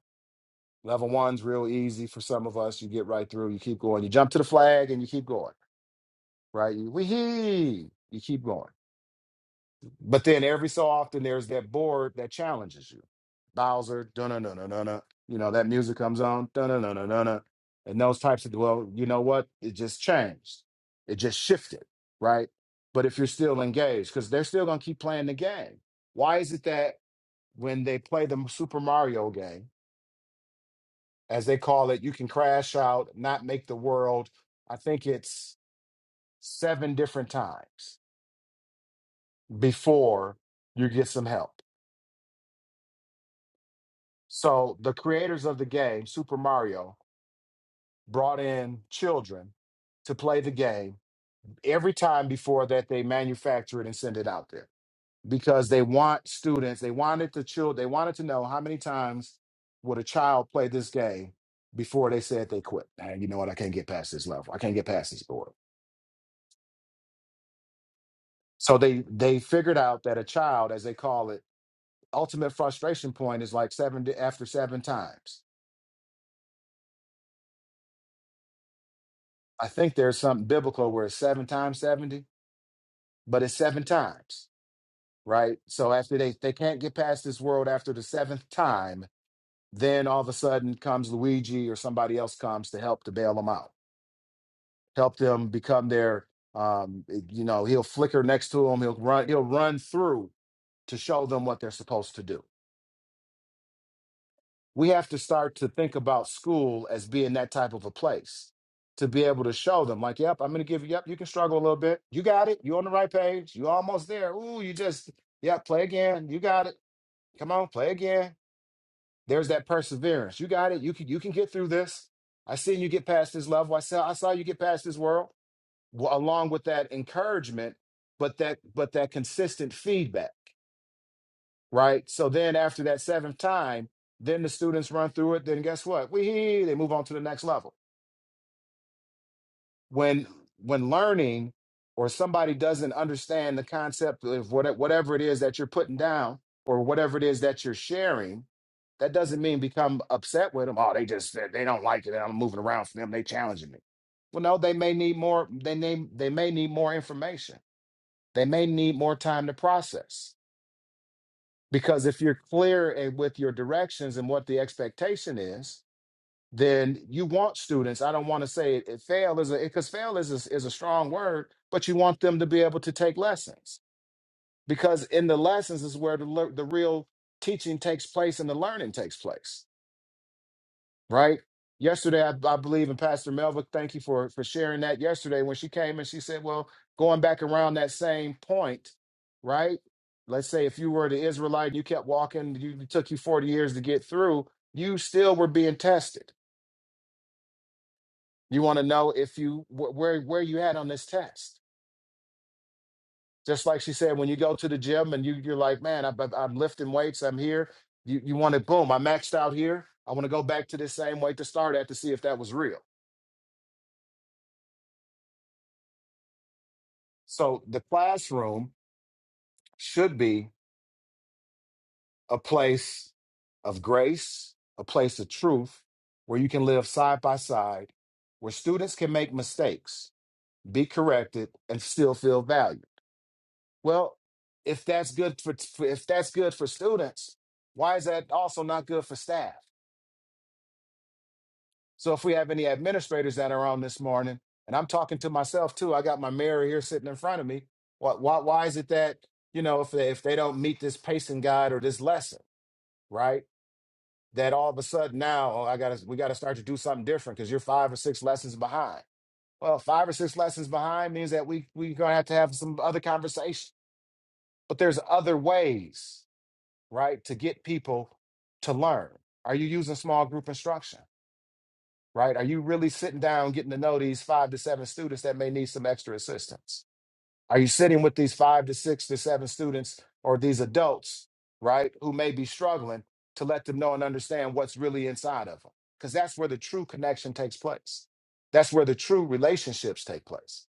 Speaker 5: Level one's real easy for some of us. You get right through, you keep going, you jump to the flag, and you keep going, right? You, wee you keep going But then every so often there's that board that challenges you. Bowser, dun dun dun dun dun. dun. You know, that music comes on, dun dun dun dun dun. dun. And those types of well, you know what? It just changed. It just shifted, right? But if you're still engaged, because they're still gonna keep playing the game. Why is it that when they play the Super Mario game, as they call it, you can crash out, not make the world, I think it's seven different times before you get some help So the creators of the game, Super Mario, brought in children to play the game. Every time before that, they manufacture it and send it out there because they want students. They wanted the child. They wanted to know how many times would a child play this game before they said they quit. And you know what? I can't get past this level. I can't get past this board. So they they figured out that a child, as they call it, ultimate frustration point is like seventy after seven times. I think there's something biblical where it's seven times seventy but it's seven times, right? So after they they can't get past this world after the seventh time, then all of a sudden comes Luigi or somebody else comes to help to bail them out, help them become their um eh, you know he'll flicker next to them. he'll run he'll run through to show them what they're supposed to do we have to start to think about school as being that type of a place to be able to show them like yep i'm gonna give you yep you can struggle a little bit you got it you're on the right page you're almost there ooh you just Yep, play again. You got it. Come on, play again. There's that perseverance. You got it. You can you can get through this. I seen you get past this level. I saw I saw you get past this world. Well, along with that encouragement, but that but that consistent feedback, right? So then after that seventh time, then the students run through it. Then guess what? We they move on to the next level when when learning or somebody doesn't understand the concept of what, whatever it is that you're putting down or whatever it is that you're sharing that doesn't mean become upset with them oh they just said they don't like it and i'm moving around for them they challenging me well no they may need more they may, they may need more information they may need more time to process because if you're clear and with your directions and what the expectation is then you want students. I don't want to say it, it fail is a because fail is a, is a strong word, but you want them to be able to take lessons because in the lessons is where the lear- the real teaching takes place and the learning takes place, right? Yesterday, I, I believe, in Pastor Melva, thank you for for sharing that. Yesterday, when she came and she said, "Well, going back around that same point, right? Let's say if you were the Israelite and you kept walking, you, it took you forty years to get through, you still were being tested." You want to know if you wh- where where you at on this test. Just like she said, when you go to the gym and you you're like, man, I, I'm, I'm lifting weights, I'm here. You you want it, boom, I maxed out here. I want to go back to the same weight to start at to see if that was real. So the classroom should be a place of grace, a place of truth, where you can live side by side, where students can make mistakes, be corrected, and still feel valued Well, if that's good for if that's good for students, why is that also not good for staff? So if we have any administrators that are on this morning, and I'm talking to myself too, I got my mirror here sitting in front of me. Why why, why is it that you know if they, if they don't meet this pacing guide or this lesson, right? That all of a sudden now oh, I gotta we gotta start to do something different because you're five or six lessons behind. Well, five or six lessons behind means that we we're gonna have to have some other conversation. But there's other ways right? To get people to learn. Are you using small group instruction, right? Are you really sitting down getting to know these five to seven students that may need some extra assistance? Are you sitting with these five to six to seven students or these adults, right, who may be struggling to let them know and understand what's really inside of them? Because that's where the true connection takes place. That's where the true relationships take place.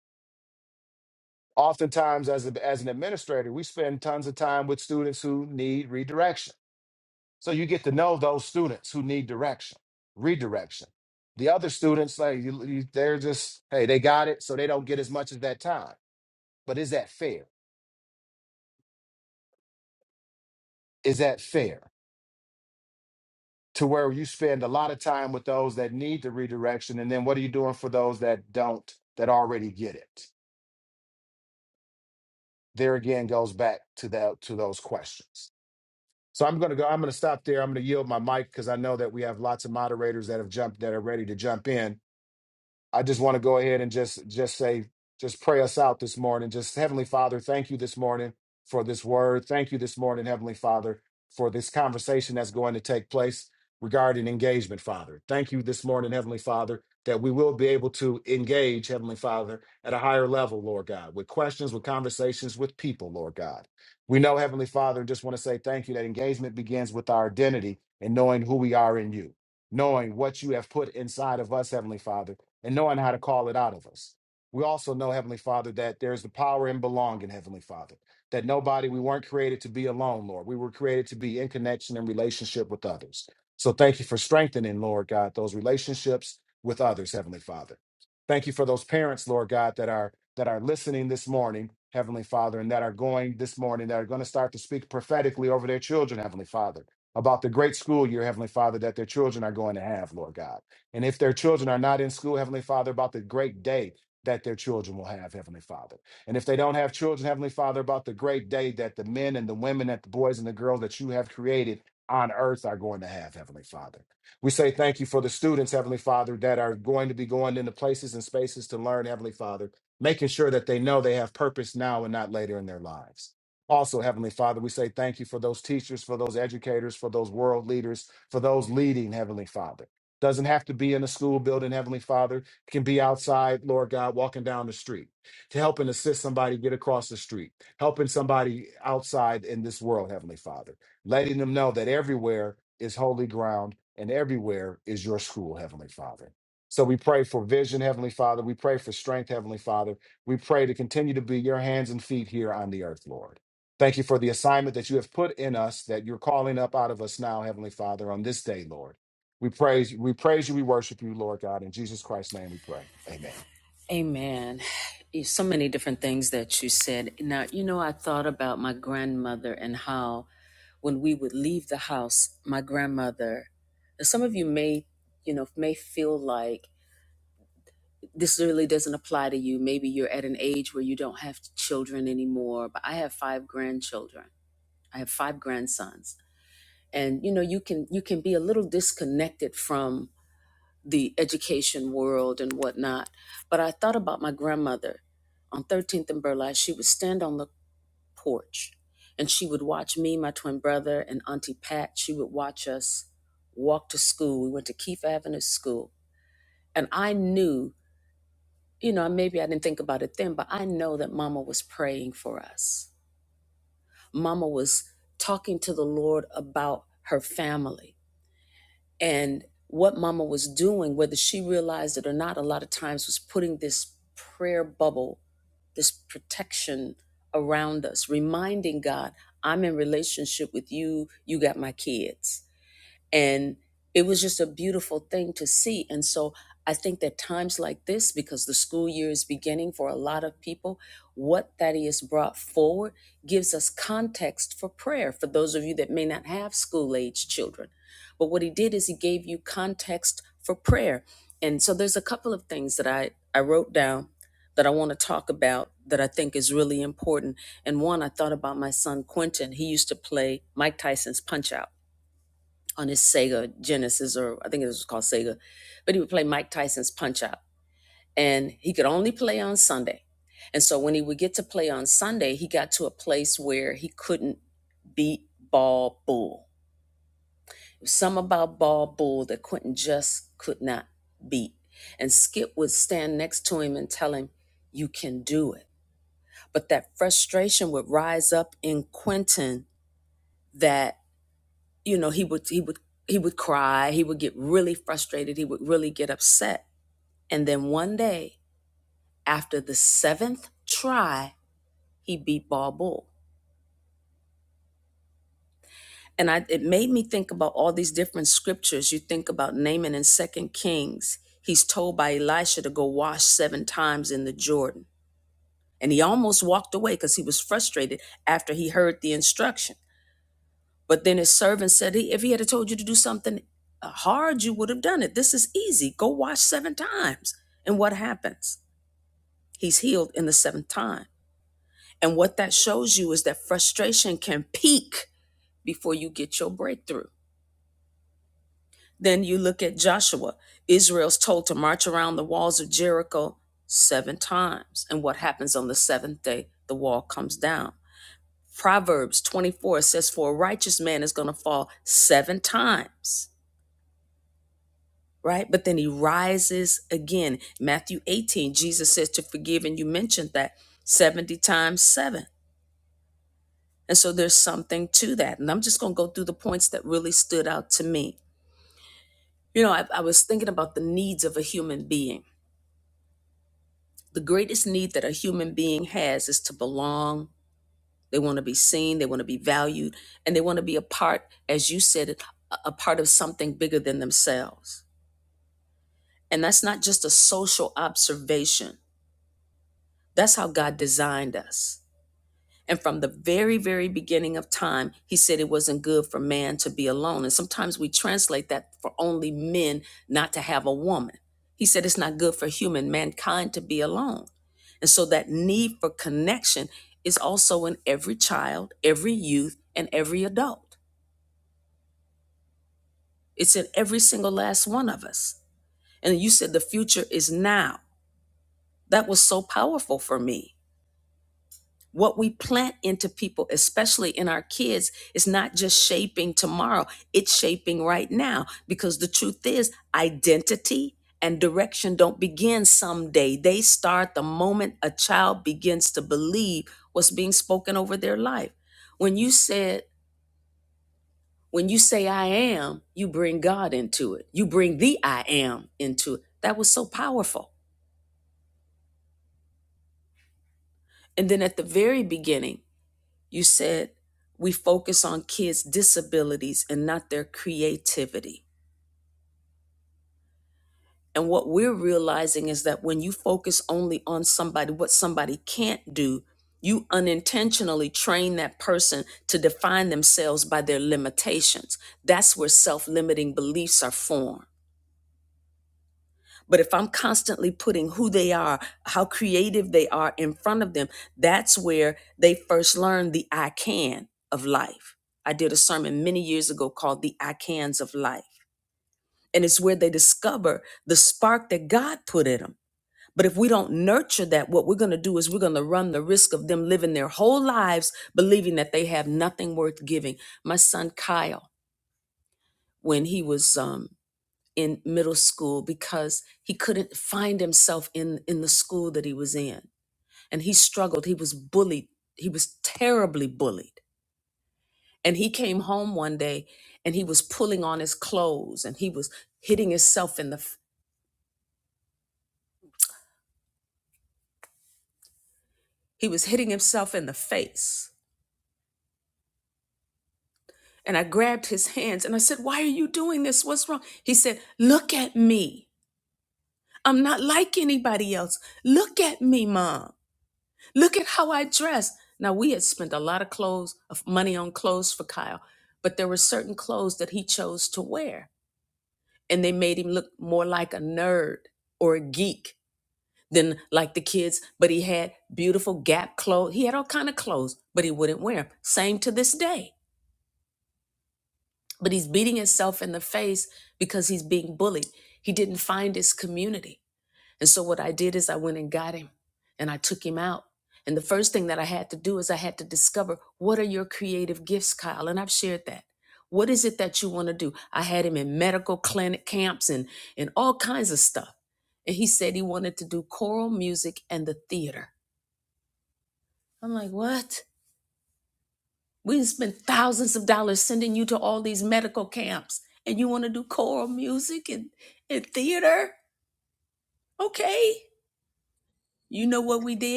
Speaker 5: Oftentimes, as, a, as an administrator, we spend tons of time with students who need redirection So you get to know those students who need direction, redirection. The other students, like you, you- they're just, hey, they got it, so they don't get as much as that time. But is that fair? Is that fair to where you spend a lot of time with those that need the redirection, and then what are you doing for those that don't, that already get it? There again goes back to that to those questions. So I'm gonna go. I'm gonna stop there. I'm gonna yield my mic because I know that we have lots of moderators that have jumped that are ready to jump in I just want to go ahead and just just say just pray us out this morning. Just Heavenly Father, thank you this morning for this word. Thank you this morning, Heavenly Father, for this conversation that's going to take place regarding engagement, Father. Thank you this morning, Heavenly Father, that we will be able to engage, Heavenly Father, at a higher level, Lord God, with questions, with conversations with people, Lord God. We know, Heavenly Father, and just want to say thank you that engagement begins with our identity and knowing who we are in you knowing what you have put inside of us, Heavenly Father and knowing how to call it out of us. We also know, Heavenly Father, that there's the power in belonging, Heavenly Father, that nobody, we weren't created to be alone, Lord. We were created to be in connection and relationship with others. So thank you for strengthening, Lord God, those relationships with others, Heavenly Father. Thank you for those parents, Lord God, that are that are listening this morning, Heavenly Father, and that are going this morning, that are going to start to speak prophetically over their children, Heavenly Father, about the great school year, Heavenly Father, that their children are going to have, Lord God. And if their children are not in school, Heavenly Father, about the great day that their children will have, Heavenly Father. And if they don't have children, Heavenly Father, about the great day that the men and the women, that the boys and the girls that you have created on earth are going to have, Heavenly Father. We say thank you for the students, Heavenly Father, that are going to be going into places and spaces to learn, Heavenly Father, making sure that they know they have purpose now and not later in their lives. Also, Heavenly Father, we say thank you for those teachers, for those educators, for those world leaders, for those leading, Heavenly Father. Doesn't have to be in a school building, Heavenly Father. It can be outside, Lord God, walking down the street to help and assist somebody get across the street, helping somebody outside in this world, Heavenly Father, letting them know that everywhere is holy ground and everywhere is your school, Heavenly Father. So we pray for vision, Heavenly Father. We pray for strength, Heavenly Father. We pray to continue to be your hands and feet here on the earth, Lord. Thank you for the assignment that you have put in us, that you're calling up out of us now, Heavenly Father, on this day, Lord. We praise you. We praise you. We worship you, Lord God. In Jesus Christ's name we pray. Amen.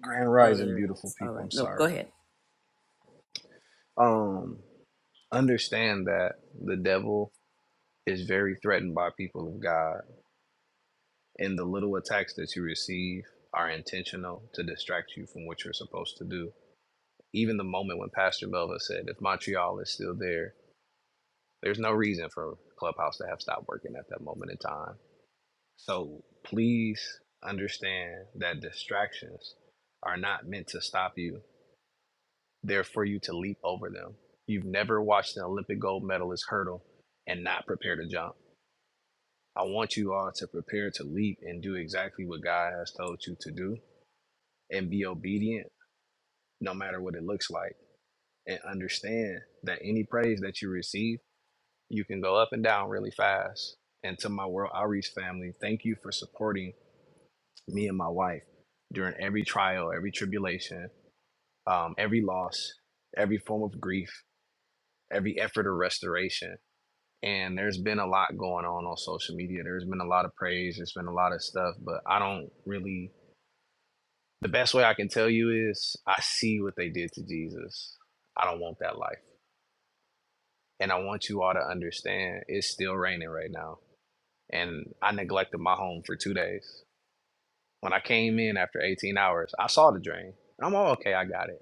Speaker 4: Grand Rising, beautiful people. I'm sorry. Um, understand that the devil is very threatened by people of God, and the little attacks that you receive are intentional to distract you from what you're supposed to do. Even the moment when Pastor Melva said, "If Montreal is still there, there's no reason for Clubhouse to have stopped working at that moment in time." So please understand that distractions are not meant to stop you. They're for you to leap over them. You've never watched an Olympic gold medalist hurdle and not prepare to jump. I want you all to prepare to leap and do exactly what God has told you to do and be obedient no matter what it looks like. And understand that any praise that you receive, you can go up and down really fast. And to my World Outreach family, thank you for supporting me and my wife during every trial, every tribulation, um, every loss, every form of grief, every effort of restoration. And there's been a lot going on on social media. There's been a lot of praise. There's been a lot of stuff, but I don't really. The best way I can tell you is I see what they did to Jesus. I don't want that life. And I want you all to understand it's still raining right now. And I neglected my home for two days. When I came in after 18 hours, I saw the drain. I'm all okay. I got it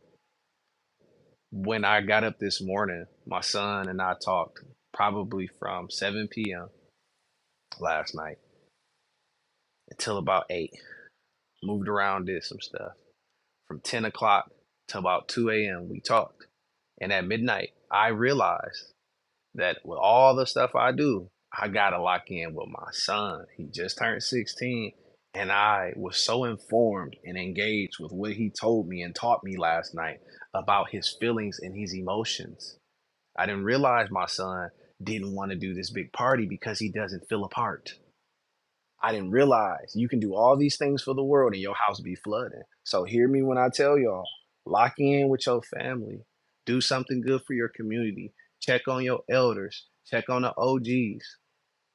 Speaker 4: When I got up this morning, my son and I talked probably from 7 p.m. last night until about 8. Moved around, did some stuff. From 10 o'clock to about 2 a.m., we talked. And at midnight, I realized that with all the stuff I do, I gotta lock in with my son. He just turned 16, and I was so informed and engaged with what he told me and taught me last night about his feelings and his emotions. I didn't realize my son didn't want to do this big party because he doesn't feel a part. I didn't realize you can do all these things for the world and your house be flooding. So hear me when I tell y'all, lock in with your family. Do something good for your community. Check on your elders. Check on the OGs.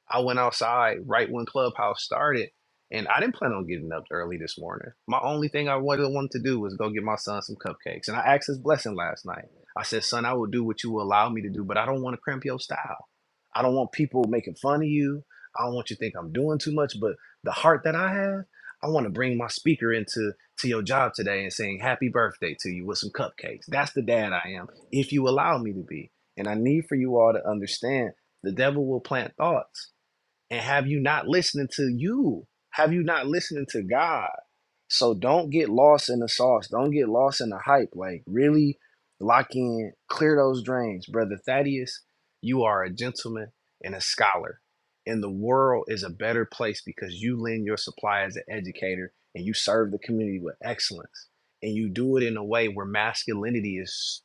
Speaker 4: I went outside right when Clubhouse started, and I didn't plan on getting up early this morning. My only thing I wanted wanted to do was go get my son some cupcakes, and I asked his blessing last night. I said, "Son, I will do what you will allow me to do, but I don't want to cramp your style. I don't want people making fun of you. I don't want you to think I'm doing too much, but the heart that I have." I want to bring my speaker into to your job today and saying happy birthday to you with some cupcakes. That's the dad I am, if you allow me to be. And I need for you all to understand the devil will plant thoughts and have you not listening to you? Have you not listening to God? So don't get lost in the sauce. Don't get lost in the hype. Like really lock in, clear those drains, brother Thaddeus. You are a gentleman and a scholar, and the world is a better place because you lend your supply as an educator and you serve the community with excellence, and you do it in a way where masculinity is,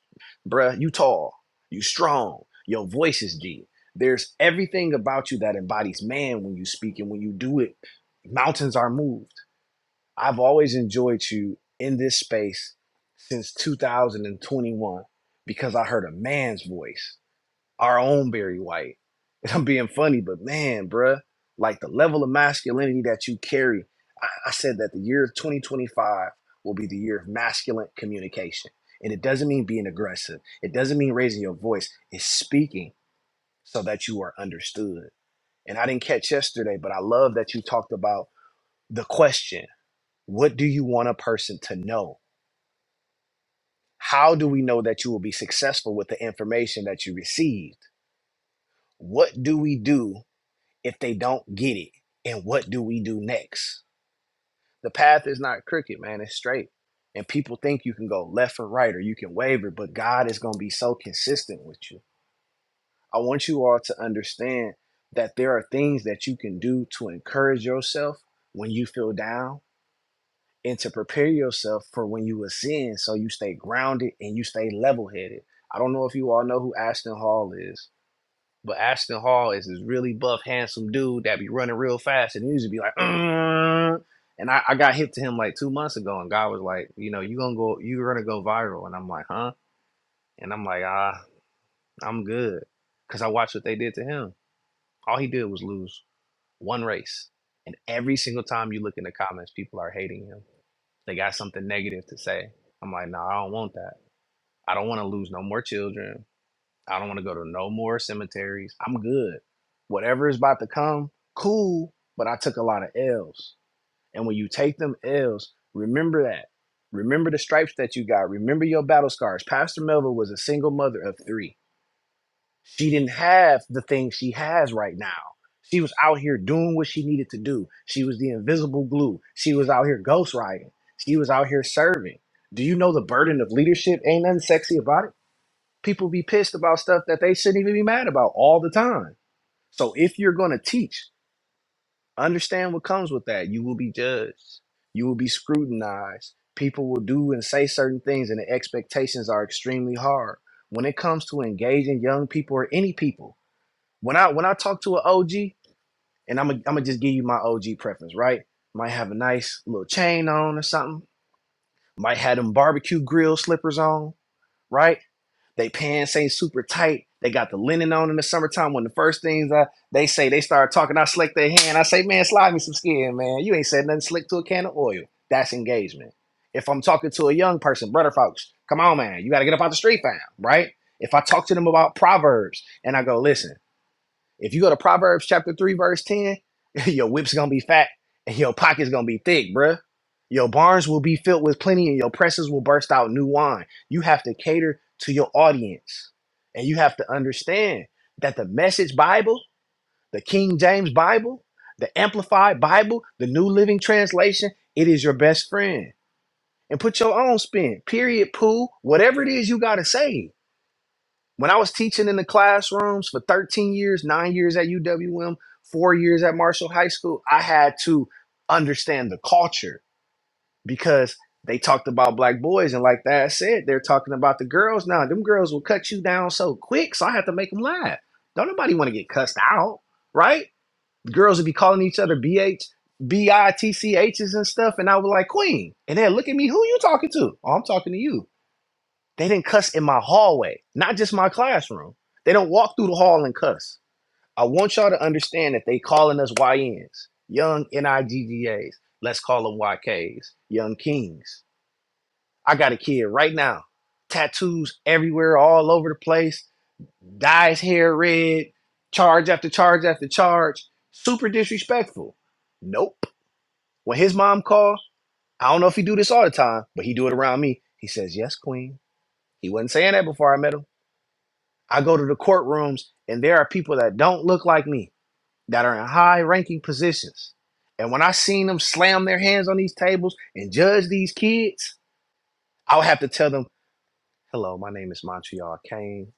Speaker 4: bruh. You tall, you strong, your voice is deep. There's everything about you that embodies man when you speak and when you do it. Mountains are moved I've always enjoyed you in this space since 2021 because I heard a man's voice, our own Barry White. <laughs> And I'm being funny, but man, bruh, like the level of masculinity that you carry. I, I said that the year of 2025 will be the year of masculine communication. And it doesn't mean being aggressive, it doesn't mean raising your voice, it's speaking so that you are understood. And I didn't catch yesterday, but I love that you talked about the question what do you want a person to know? How do we know that you will be successful with the information that you received? What do we do if they don't get it? And what do we do next? The path is not crooked, man, it's straight. And people think you can go left or right or you can waver, but God is going to be so consistent with you. I want you all to understand that there are things that you can do to encourage yourself when you feel down and to prepare yourself for when you ascend so you stay grounded and you stay level headed. I don't know if you all know who Ashton Hall is, but Ashton Hall is this really buff, handsome dude that be running real fast and he used to be like, "Mm." and I, I got hit to him like two months ago and God was like, you know, you gonna go you're gonna go viral. And I'm like, huh? And I'm like, ah, I'm good. Cause I watched what they did to him. All he did was lose one race. And every single time you look in the comments, people are hating him they got something negative to say. I'm like, no, nah, I don't want that. I don't want to lose no more children. I don't want to go to no more cemeteries. I'm good. Whatever is about to come, cool. But I took a lot of L's. And when you take them L's, remember that. Remember the stripes that you got. Remember your battle scars. Pastor Melville was a single mother of three she didn't have the things she has right now. She was out here doing what she needed to do. She was the invisible glue. She was out here ghostwriting. She was out here serving. Do you know the burden of leadership? Ain't nothing sexy about it. People be pissed about stuff that they shouldn't even be mad about all the time. So if you're going to teach, understand what comes with that. You will be judged. You will be scrutinized. People will do and say certain things, and the expectations are extremely hard. When it comes to engaging young people or any people, when I when I talk to an OG, and I'm i am i gonna just give you my OG preference, right? Might have a nice little chain on or something. Might have them barbecue grill slippers on, right? They pants ain't super tight. They got the linen on in the summertime. When the first things I they say, they start talking. I slick their hand. I say, man, slide me some skin, man. You ain't said nothing slick to a can of oil. That's engagement. If I'm talking to a young person, brother folks, come on, man, you got to get up out the street, fam, right? If I talk to them about proverbs and I go, listen. If you go to Proverbs chapter 3, verse 10, <laughs> your whip's gonna be fat and your pocket's gonna be thick, bruh. Your barns will be filled with plenty and your presses will burst out new wine. You have to cater to your audience. And you have to understand that the message Bible, the King James Bible, the Amplified Bible, the New Living Translation, it is your best friend. And put your own spin, period, poo, whatever it is you gotta say when I was teaching in the classrooms for 13 years, nine years at UWM, four years at Marshall High School, I had to understand the culture because they talked about black boys. And like that said, they're talking about the girls now. Them girls will cut you down so quick, so I have to make them laugh. Don't nobody want to get cussed out, right? Girls would be calling each other BH, h's," and stuff. And I was like, Queen. And then look at me, who you talking to? Oh, I'm talking to you. They didn't cuss in my hallway, not just my classroom. They don't walk through the hall and cuss. I want y'all to understand that they calling us YNs, young NIGGAs. Let's call them YKs, young kings. I got a kid right now, tattoos everywhere, all over the place, dye his hair red, charge after charge after charge, super disrespectful. Nope. When his mom called, I don't know if he do this all the time, but he do it around me. He says, yes, queen. He wasn't saying that before I met him. I go to the courtrooms and there are people that don't look like me that are in high ranking positions. And when I seen them slam their hands on these tables and judge these kids, I would have to tell them, hello, my name is Montreal Kane.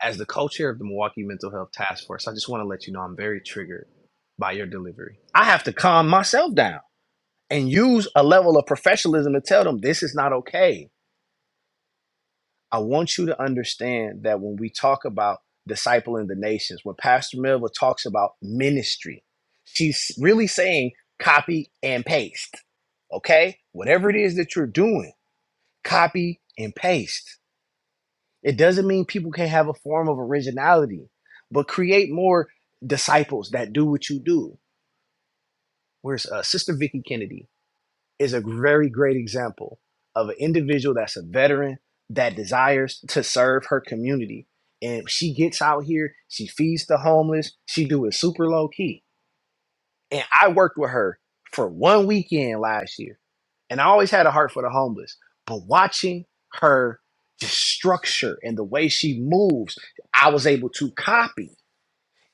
Speaker 4: As the co-chair of the Milwaukee Mental Health Task Force, I just want to let you know I'm very triggered by your delivery. I have to calm myself down and use a level of professionalism to tell them this is not okay I want you to understand that when we talk about discipling the nations, when Pastor Melville talks about ministry, she's really saying copy and paste. Okay? Whatever it is that you're doing, copy and paste. It doesn't mean people can't have a form of originality, but create more disciples that do what you do. Where's uh, Sister Vicky Kennedy? is a very great example of an individual that's a veteran that desires to serve her community. And she gets out here, she feeds the homeless, she do it super low key. And I worked with her for one weekend last year. And I always had a heart for the homeless. But watching her just structure and the way she moves, I was able to copy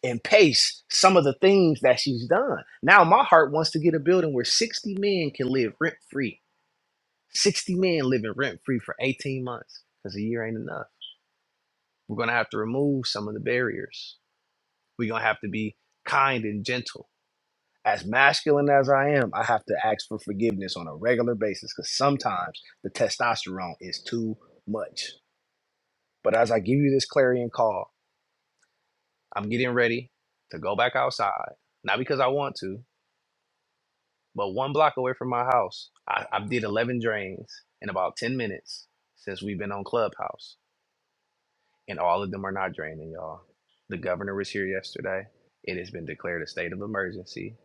Speaker 4: and paste some of the things that she's done. Now my heart wants to get a building where 60 men can live rent free 60 men living rent free for 18 months because a year ain't enough. We're going to have to remove some of the barriers. We're going to have to be kind and gentle. As masculine as I am, I have to ask for forgiveness on a regular basis because sometimes the testosterone is too much. But as I give you this clarion call, I'm getting ready to go back outside, not because I want to, but one block away from my house, I, I did 11 drains in about 10 minutes since we've been on Clubhouse and all of them are not draining, y'all. The governor was here yesterday. It has been declared a state of emergency.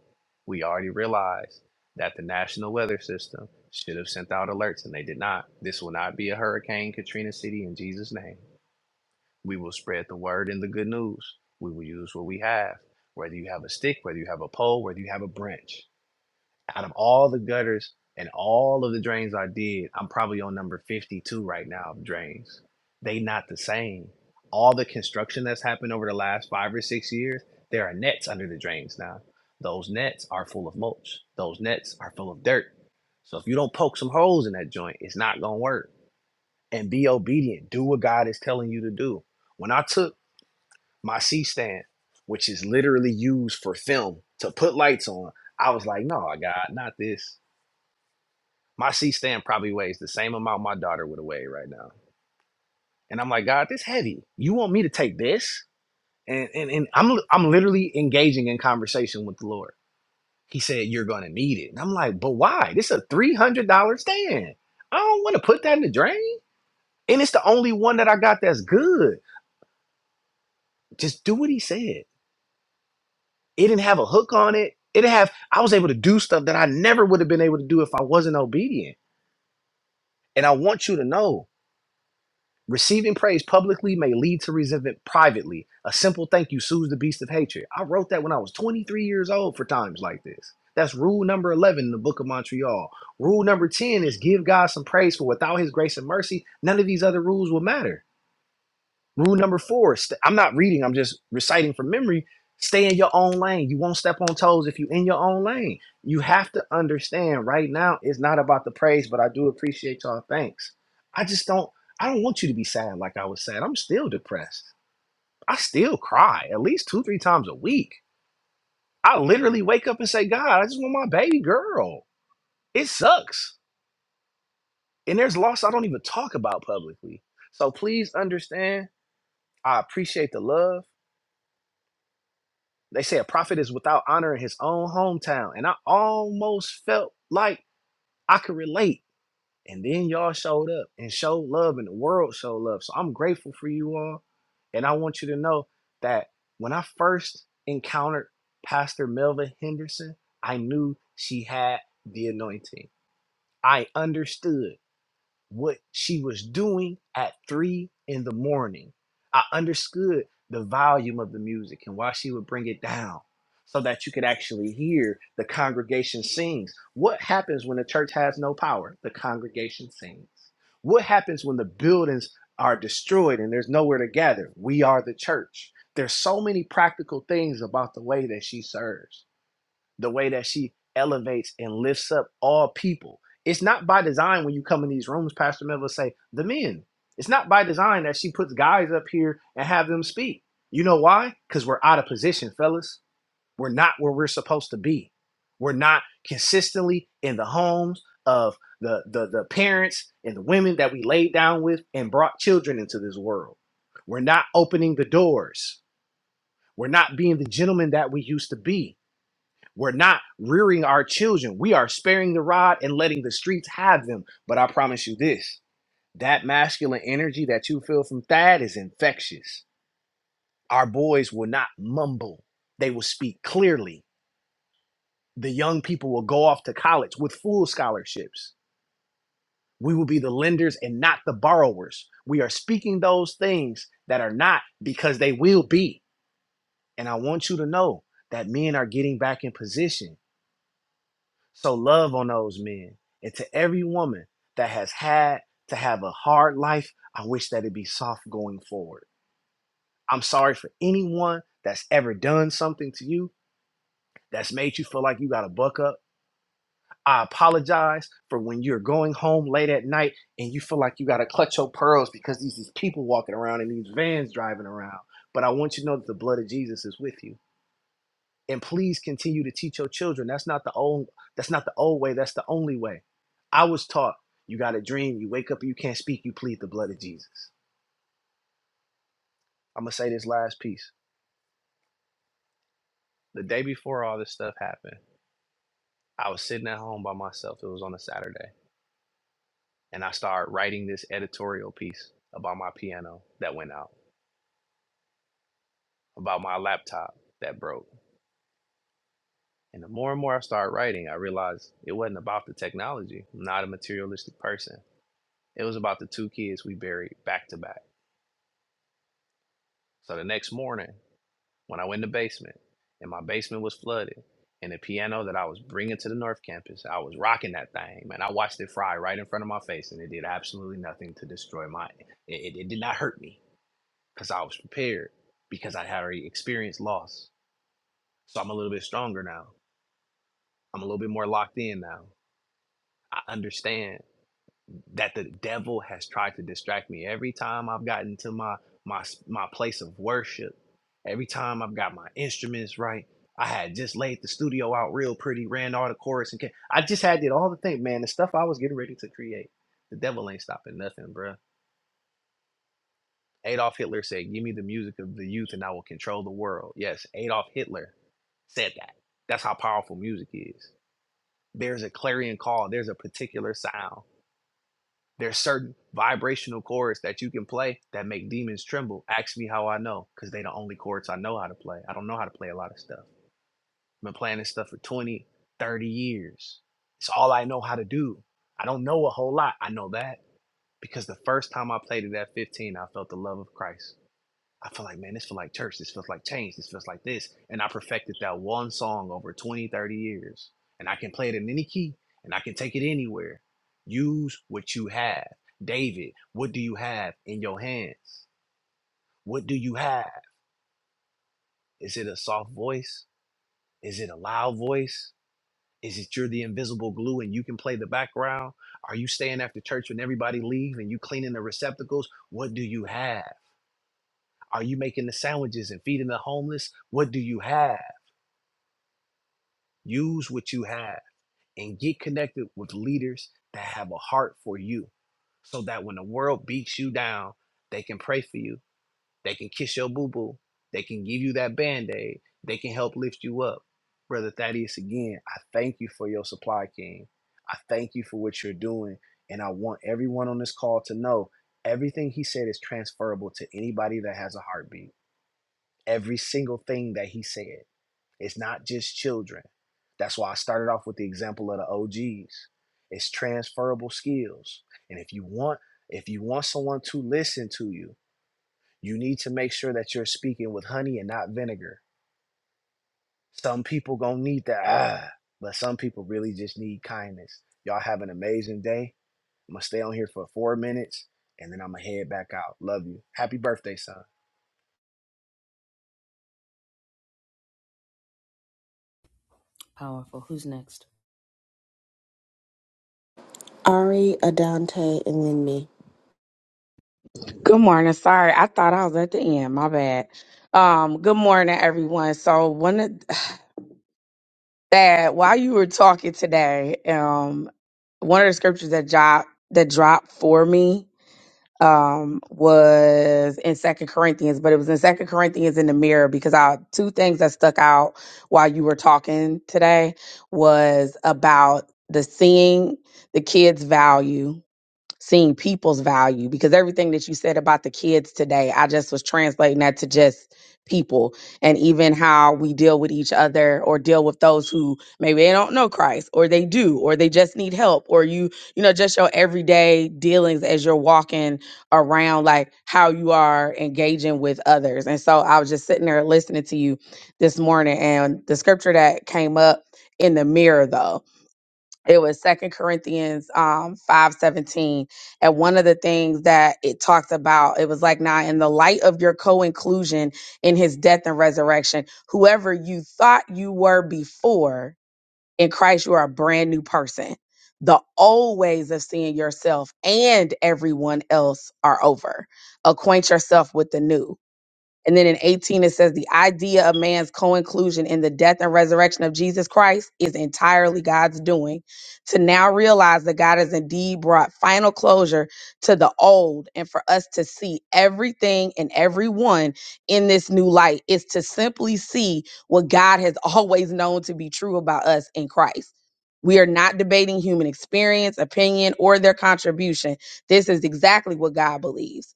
Speaker 4: We already realized that the National Weather System should have sent out alerts and they did not. This will not be a Hurricane Katrina City in Jesus' name. We will spread the word and the good news. We will use what we have, whether you have a stick, whether you have a pole, whether you have a branch. Out of all the gutters and all of the drains I did, I'm probably on number 52 right now of drains. They not the same. All the construction that's happened over the last five or six years, there are nets under the drains now. Those nets are full of mulch. Those nets are full of dirt. So if you don't poke some holes in that joint, it's not gonna work. And be obedient. Do what God is telling you to do. When I took my C stand, which is literally used for film to put lights on, I was like, no, God, not this. My C stand probably weighs the same amount my daughter would weigh right now. And I'm like, God, this heavy. You want me to take this? And and, and I'm I'm literally engaging in conversation with the Lord. He said, You're gonna need it. And I'm like, but why? This is a three hundred dollar stand. I don't want to put that in the drain. And it's the only one that I got that's good. Just do what he said. It didn't have a hook on it. It didn't have I was able to do stuff that I never would have been able to do if I wasn't obedient. And I want you to know Receiving praise publicly may lead to resentment privately. A simple thank you soothes the beast of hatred. I wrote that when I was 23 years old for times like this. That's rule number 11 in the book of Montreal. Rule number 10 is give God some praise for without his grace and mercy, none of these other rules will matter. Rule number four, st- I'm not reading, I'm just reciting from memory. Stay in your own lane. You won't step on toes if you're in your own lane. You have to understand right now it's not about the praise, but I do appreciate y'all. Thanks. I just don't I don't want you to be sad like I was sad. I'm still depressed. I still cry at least two, three times a week. I literally wake up and say, God, I just want my baby girl. It sucks. And there's loss I don't even talk about publicly. So please understand. I appreciate the love. They say a prophet is without honor in his own hometown. And I almost felt like I could relate. And then y'all showed up and showed love, and the world showed love. So I'm grateful for you all. And I want you to know that when I first encountered Pastor Melvin Henderson, I knew she had the anointing. I understood what she was doing at three in the morning. I understood the volume of the music and why she would bring it down so that you could actually hear the congregation sings. What happens when the church has no power? The congregation sings. What happens when the buildings are destroyed and there's nowhere to gather? We are the church. There's so many practical things about the way that she serves the way that she elevates and lifts up all people. It's not by design when you come in these rooms, Pastor Mel will say, the men. It's not by design that she puts guys up here and have them speak. You know why? Because we're out of position, fellas. We're not where we're supposed to be. We're not consistently in the homes of the, the, the parents and the women that we laid down with and brought children into this world. We're not opening the doors. We're not being the gentlemen that we used to be we're not rearing our children. We are sparing the rod and letting the streets have them. But I promise you this that masculine energy that you feel from Thad is infectious. Our boys will not mumble, they will speak clearly. The young people will go off to college with full scholarships. We will be the lenders and not the borrowers. We are speaking those things that are not because they will be. And I want you to know that men are getting back in position So love on those men. And to every woman that has had to have a hard life, I wish that it be soft going forward. I'm sorry for anyone that's ever done something to you that's made you feel like you got to buck up. I apologize for when you're going home late at night and you feel like you got to clutch your pearls because these, these people walking around and these vans driving around. But I want you to know that the blood of Jesus is with you and please continue to teach your children that's not the old that's not the old way that's the only way i was taught you got a dream you wake up you can't speak you plead the blood of jesus i'm gonna say this last piece the day before all this stuff happened i was sitting at home by myself it was on a saturday and i started writing this editorial piece about my piano that went out about my laptop that broke and the more and more i started writing i realized it wasn't about the technology i'm not a materialistic person it was about the two kids we buried back to back So the next morning, when I went in the basement, and my basement was flooded, and the piano that I was bringing to the North Campus, I was rocking that thing, man. I watched it fry right in front of my face, and it did absolutely nothing to destroy my. It, it, it did not hurt me because I was prepared because I had already experienced loss. So I'm a little bit stronger now. I'm a little bit more locked in now. I understand that the devil has tried to distract me every time I've gotten to my my my place of worship. Every time I've got my instruments right, I had just laid the studio out real pretty, ran all the chorus and ca- I just had did all the thing, man. The stuff I was getting ready to create, the devil ain't stopping nothing, bruh. Adolf Hitler said, "Give me the music of the youth, and I will control the world." Yes, Adolf Hitler said that. That's how powerful music is. There's a clarion call. There's a particular sound There's certain vibrational chords that you can play that make demons tremble. Ask me how I know, because they the only chords I know how to play. I don't know how to play a lot of stuff. I've been playing this stuff for 20, 30 years. It's all I know how to do. I don't know a whole lot. I know that because the first time I played it at 15, I felt the love of Christ. I feel like, man, this feels like church. This feels like change. This feels like this. And I perfected that one song over 20, 30 years. And I can play it in any key and I can take it anywhere. Use what you have. David, what do you have in your hands? What do you have? Is it a soft voice? Is it a loud voice? Is it you're the invisible glue and you can play the background? Are you staying after church when everybody leaves and you cleaning the receptacles? What do you have? Are you making the sandwiches and feeding the homeless? What do you have? Use what you have and get connected with leaders that have a heart for you so that when the world beats you down, they can pray for you. They can kiss your boo boo. They can give you that band aid. They can help lift you up. Brother Thaddeus, again, I thank you for your supply, King. I thank you for what you're doing. And I want everyone on this call to know everything he said is transferable to anybody that has a heartbeat. Every single thing that he said. It's not just children. That's why I started off with the example of the OGs. It's transferable skills. And if you want if you want someone to listen to you, you need to make sure that you're speaking with honey and not vinegar. Some people going to need that, ah, but some people really just need kindness. Y'all have an amazing day. I'm going to stay on here for 4 minutes and then I'm going to head back out. Love you. Happy birthday, son.
Speaker 7: Ari, Adante, and then me.
Speaker 6: Good morning. Sorry, I thought I was at the end. My bad. Um, good morning, everyone. So one of that while you were talking today, um, one of the scriptures that dropped that dropped for me um was in Second Corinthians, but it was in Second Corinthians in the mirror because I two things that stuck out while you were talking today was about the seeing the kids' value seeing people's value because everything that you said about the kids today, I just was translating that to just people and even how we deal with each other or deal with those who maybe they don't know Christ or they do or they just need help or you you know just your everyday dealings as you're walking around like how you are engaging with others. And so I was just sitting there listening to you this morning and the scripture that came up in the mirror though it was second corinthians um 517 and one of the things that it talked about it was like now in the light of your co-inclusion in his death and resurrection whoever you thought you were before in christ you are a brand new person the old ways of seeing yourself and everyone else are over acquaint yourself with the new and then in 18, it says the idea of man's co inclusion in the death and resurrection of Jesus Christ is entirely God's doing. To now realize that God has indeed brought final closure to the old and for us to see everything and everyone in this new light is to simply see what God has <laughs> always known to be true about us in Christ. We are not debating human experience, opinion, or their contribution. This is exactly what God believes.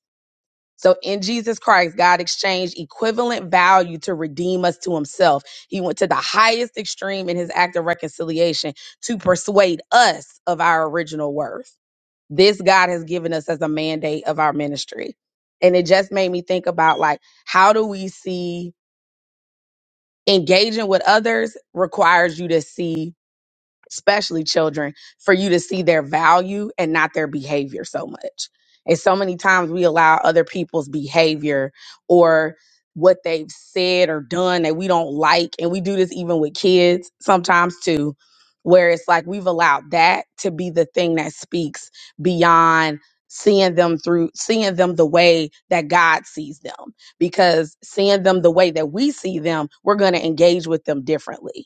Speaker 6: So in Jesus Christ, God exchanged equivalent value to redeem us to himself. He went to the highest extreme in his act of reconciliation to persuade us of our original worth. This God has given us as a mandate of our ministry. And it just made me think about like, how do we see engaging with others requires you to see especially children, for you to see their value and not their behavior so much. And so many times we allow other people's behavior or what they've said or done that we don't like. And we do this even with kids sometimes too, where it's like we've allowed that to be the thing that speaks beyond seeing them through seeing them the way that God sees them because seeing them the way that we see them we're going to engage with them differently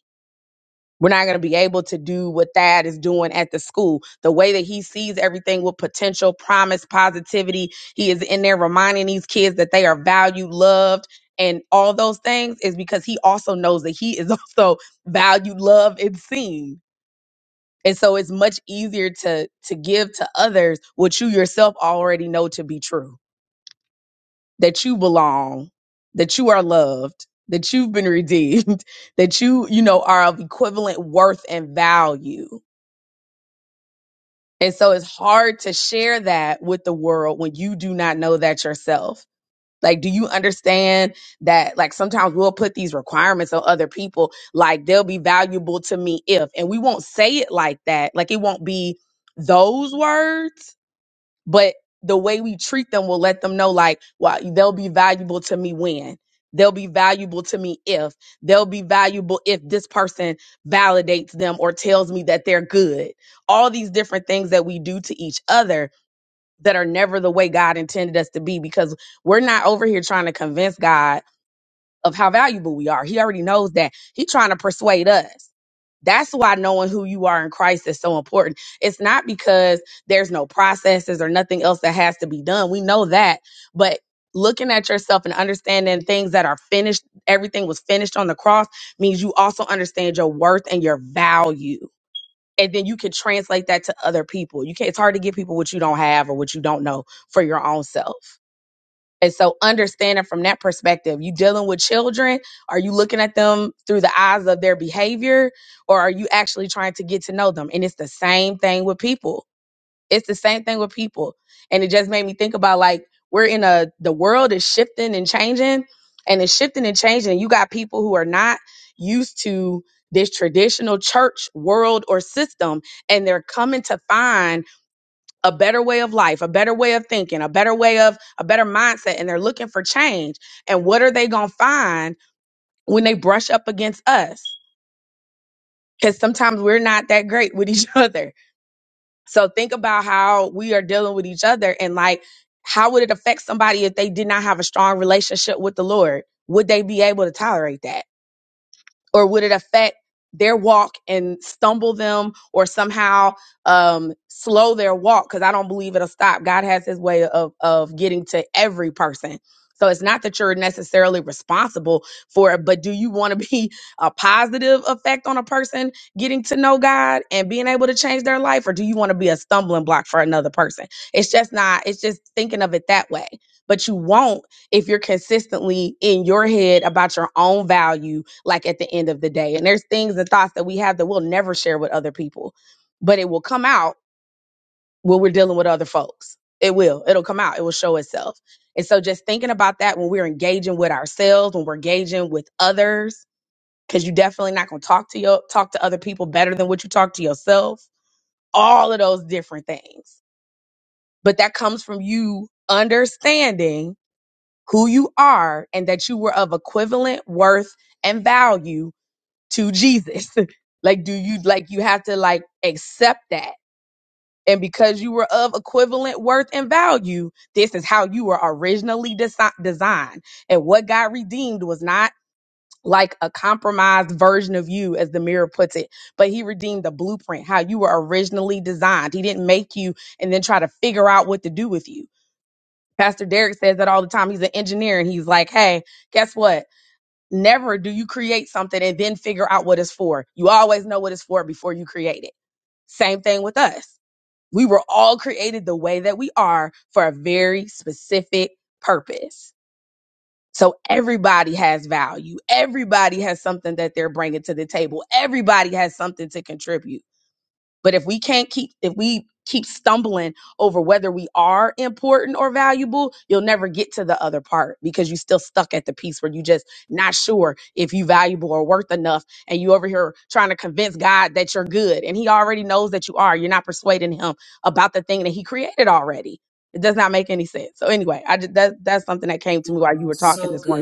Speaker 6: we're not going to be able to do what Thad is doing at the school. The way that he sees everything with potential, promise, positivity. He is in there reminding these kids that they are valued, loved, and all those things is because he also knows that he is <laughs> also valued, loved, and seen. And so it's much easier to to give to others what you yourself already know to be true. That you belong, that you are loved, that you've been redeemed, <laughs> that you, you know, are of equivalent worth and value And so it's hard to share that with the world when you do not know that yourself. Like, do you understand that? Like, sometimes we'll put these requirements on other people, like, they'll be valuable to me if, and we won't say it like that. Like, it won't be those words, but the way we treat them will let them know like well, they'll be valuable to me when they'll be valuable to me if they'll be valuable if this person validates them or tells me that they're good all these different things that we do to each other that are never the way god intended us to be because we're not over here trying to convince god of how valuable we are he already knows that he's trying to persuade us that's why knowing who you are in Christ is so important. It's not because there's no processes or nothing else that has to be done. We know that. But looking at yourself and understanding things that are finished, everything was finished on the cross, means you also understand your worth and your value. And then you can translate that to other people. You can't, it's hard to give people what you don't have or what you don't know for your own self. And so understanding from that perspective, you dealing with children, are you looking at them through the eyes of their behavior or are you actually trying to get to know them? And it's the same thing with people. It's the same thing with people. And it just made me think about like we're in a the world is shifting and changing and it's shifting and changing. And you got people who are not used to this traditional church world or system and they're coming to find a better way of life, a better way of thinking, a better way of a better mindset, and they're looking for change. And what are they gonna find when they brush up against us? Because sometimes we're not that great with each <laughs> other. So think about how we are dealing with each other and like how would it affect somebody if they did not have a strong relationship with the Lord? Would they be able to tolerate that? or would it affect their walk and stumble them or somehow um slow their walk because i don't believe it'll stop god has his way of of getting to every person so it's not that you're necessarily responsible for it but do you want to be a positive effect on a person getting to know god and being able to change their life or do you want to be a stumbling block for another person it's just not it's just thinking of it that way but you won't if you're consistently in your head about your own value like at the end of the day. And there's things and thoughts that we have that we'll never share with other people, but it will come out when we're dealing with other folks. It will. It'll come out. It will show itself. And so just thinking about that when we're engaging with ourselves, when we're engaging with others, because you're definitely not gonna talk to your talk to other people better than what you talk to yourself. All of those different things. But that comes from you understanding who you are and that you were of equivalent worth and value to Jesus. <laughs> like, do you like you have to like accept that? And because you were of equivalent worth and value, this is how you were originally desi- designed. And what God redeemed was not like a compromised version of you, as the mirror puts it, but He redeemed the blueprint, how you were originally designed. He didn't make you and then try to figure out what to do with you. Pastor Derek says that all the time. He's an engineer and he's like, hey, guess what? never do you create something and then figure out what it's for. You always know what it's for before you create it. Same thing with us. We were all created the way that we are for a very specific purpose. So everybody has value. Everybody has something that they're bringing to the table. Everybody has something to contribute but if we can't keep, if we keep stumbling over whether we are important or valuable, you'll never get to the other part because you're still stuck at the piece where you just not sure if you valuable or worth enough. And you over here trying to convince God that you're good. And he already knows that you are. You're not persuading him about the thing that he created already. It does not make any sense. So anyway, I just, that that's something that came to me while you were talking this morning.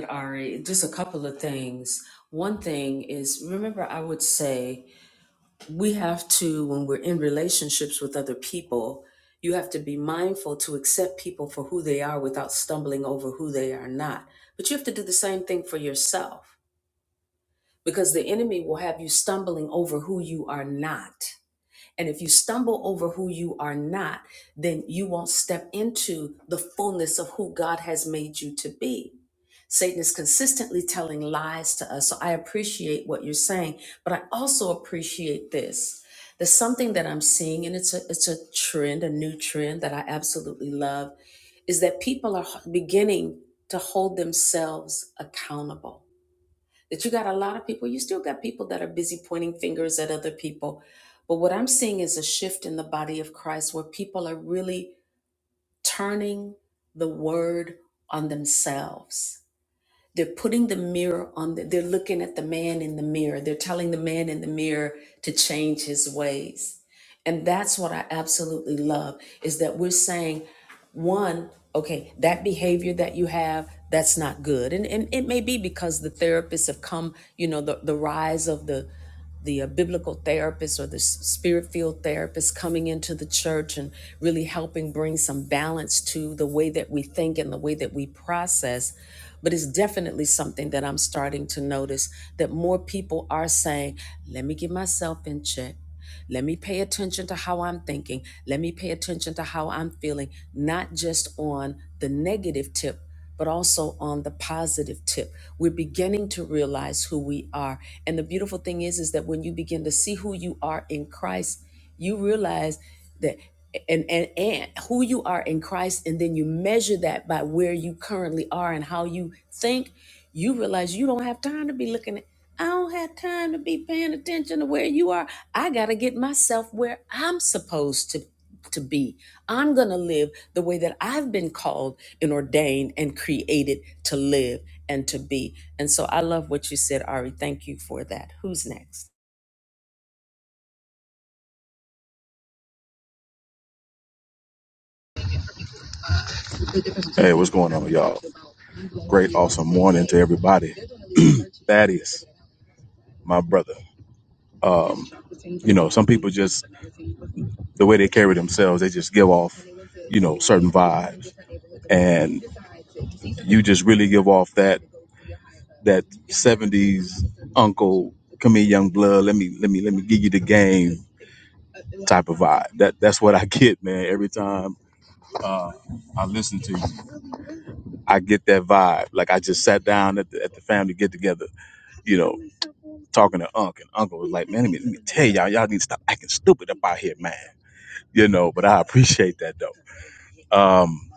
Speaker 8: Hey, what's going on, y'all? Great, awesome morning to everybody. <clears throat> Thaddeus, my brother. Um, you know, some people just the way they carry themselves, they just give off, you know, certain vibes, and you just really give off that that '70s uncle. Come here, young blood. Let me let me let me give you the game. type of vibe. That that's what I <laughs> get, man. Every time uh, I listen to you, I get that vibe. Like I just sat down at the, at the family get together, you know, talking to Unc, and Uncle was like, "Man, let me, let me tell y'all, y'all need to stop acting stupid up out here, man." You know, but I <laughs> appreciate that though. Um,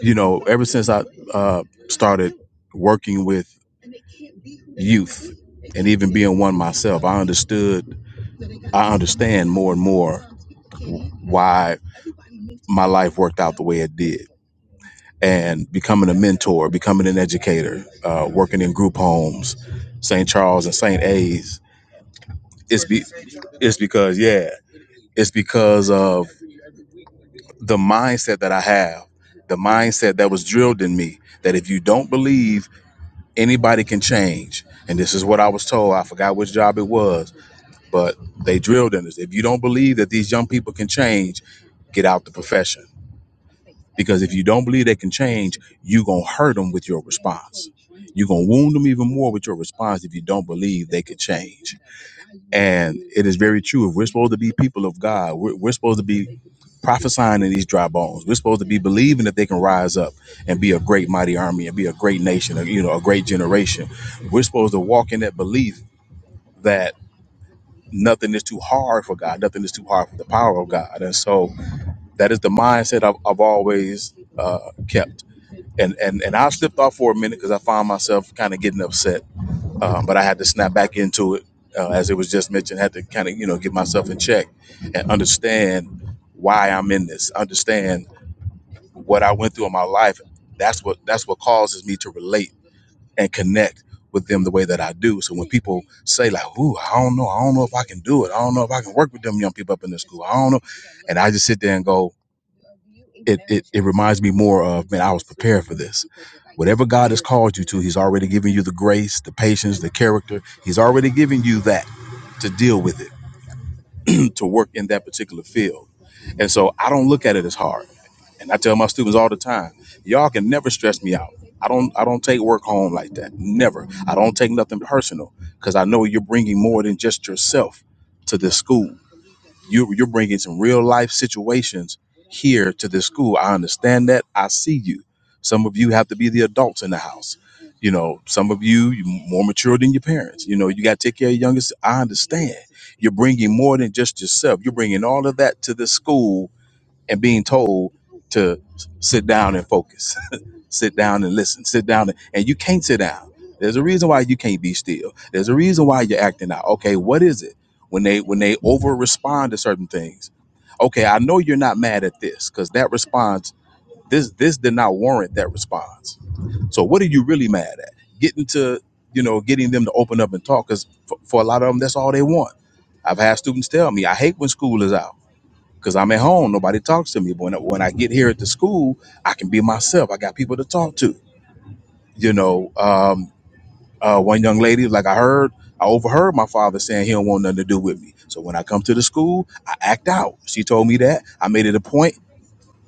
Speaker 8: you know, ever since I uh, started working with youth and even being one myself, I understood, I understand more and more why my life worked out the way it did and becoming a mentor, becoming an educator, uh, working in group homes, St. Charles and St. A's. It's be, it's because yeah, it's because of the mindset that I have, the mindset that was drilled in me that if you don't believe anybody can change, and this is what I was told. I forgot which job it was, but they drilled in us. If you don't believe that these young people can change, get out the profession Because if you don't believe they can change, you're going to hurt them with your response. You're going to wound them even more with your response if you don't believe they can change. And it is very true. If we're supposed to be people of God, we're, we're supposed to be prophesying in these dry bones. We're supposed to be believing that they can rise up and be a great, mighty army and be a great nation, or, you know, a great generation. We're supposed to walk in that belief that nothing is too hard for God, nothing is too hard for the power of God. And so that is the mindset I've, I've always uh, kept and and and I slipped off for a minute because I found myself kind of getting upset, um, but I had to snap back into it uh, as it was just mentioned. Had to kind of you know get myself in check and understand why I'm in this, understand what I went through in my life. That's what that's what causes me to relate and connect with them the way that I do. So when people say like, "Ooh, I don't know, I don't know if I can do it, I don't know if I can work with them young people up in the school, I don't know," and I just sit there and go it, it it reminds me more of man, I was prepared for this. Whatever God has called you to, He's already given you the grace, the patience, the character. He's already given you that to deal with it, <clears throat> to work in that particular field. And so I don't look at it as hard. And I tell my students all the time, y'all can never stress me out. I don't I don't take work home like that. Never. I don't take nothing personal because I know you're bringing more than just yourself to this school you you're bringing some real life situations here to this school. I understand that. I see you. Some of you have to be the adults in the house. You know, some of you you more mature than your parents. You know, you got to take care of your youngest. I understand. You're bringing more than just yourself. You're bringing all of that to the school and being told to s- sit down and focus sit down and listen sit down and, and you can't sit down there's a reason why you can't be still there's a reason why you're acting out okay what is it when they when they over respond to certain things okay i know you're not mad at this because that response this this did not warrant that response so what are you really mad at getting to you know getting them to open up and talk because for, for a lot of them that's all they want i've had students tell me i hate when school is out because i'm at home nobody talks to me but when, when i get here at the school i can be myself i got people to talk to you know, um, uh, one young lady, like I heard, I overheard my father saying he don't want nothing to do with me. So when I come to the school, I act out. She told me that. I made it a point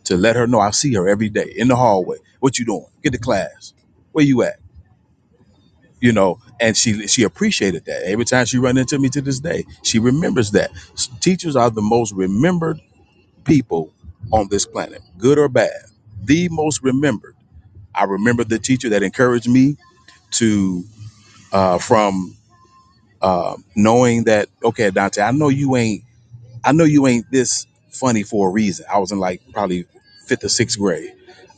Speaker 8: to let her know I see her every day in the hallway. What you doing? Get to class. Where you at? You know, and she she appreciated that. Every time she run into me to this day, she remembers that. S- Teachers are the most remembered people on this planet, good or bad. The most remembered. I remember the teacher that encouraged me to uh, from uh, knowing that okay, Dante, I know you ain't, I know you ain't this funny for a reason. I was in like probably fifth or sixth grade.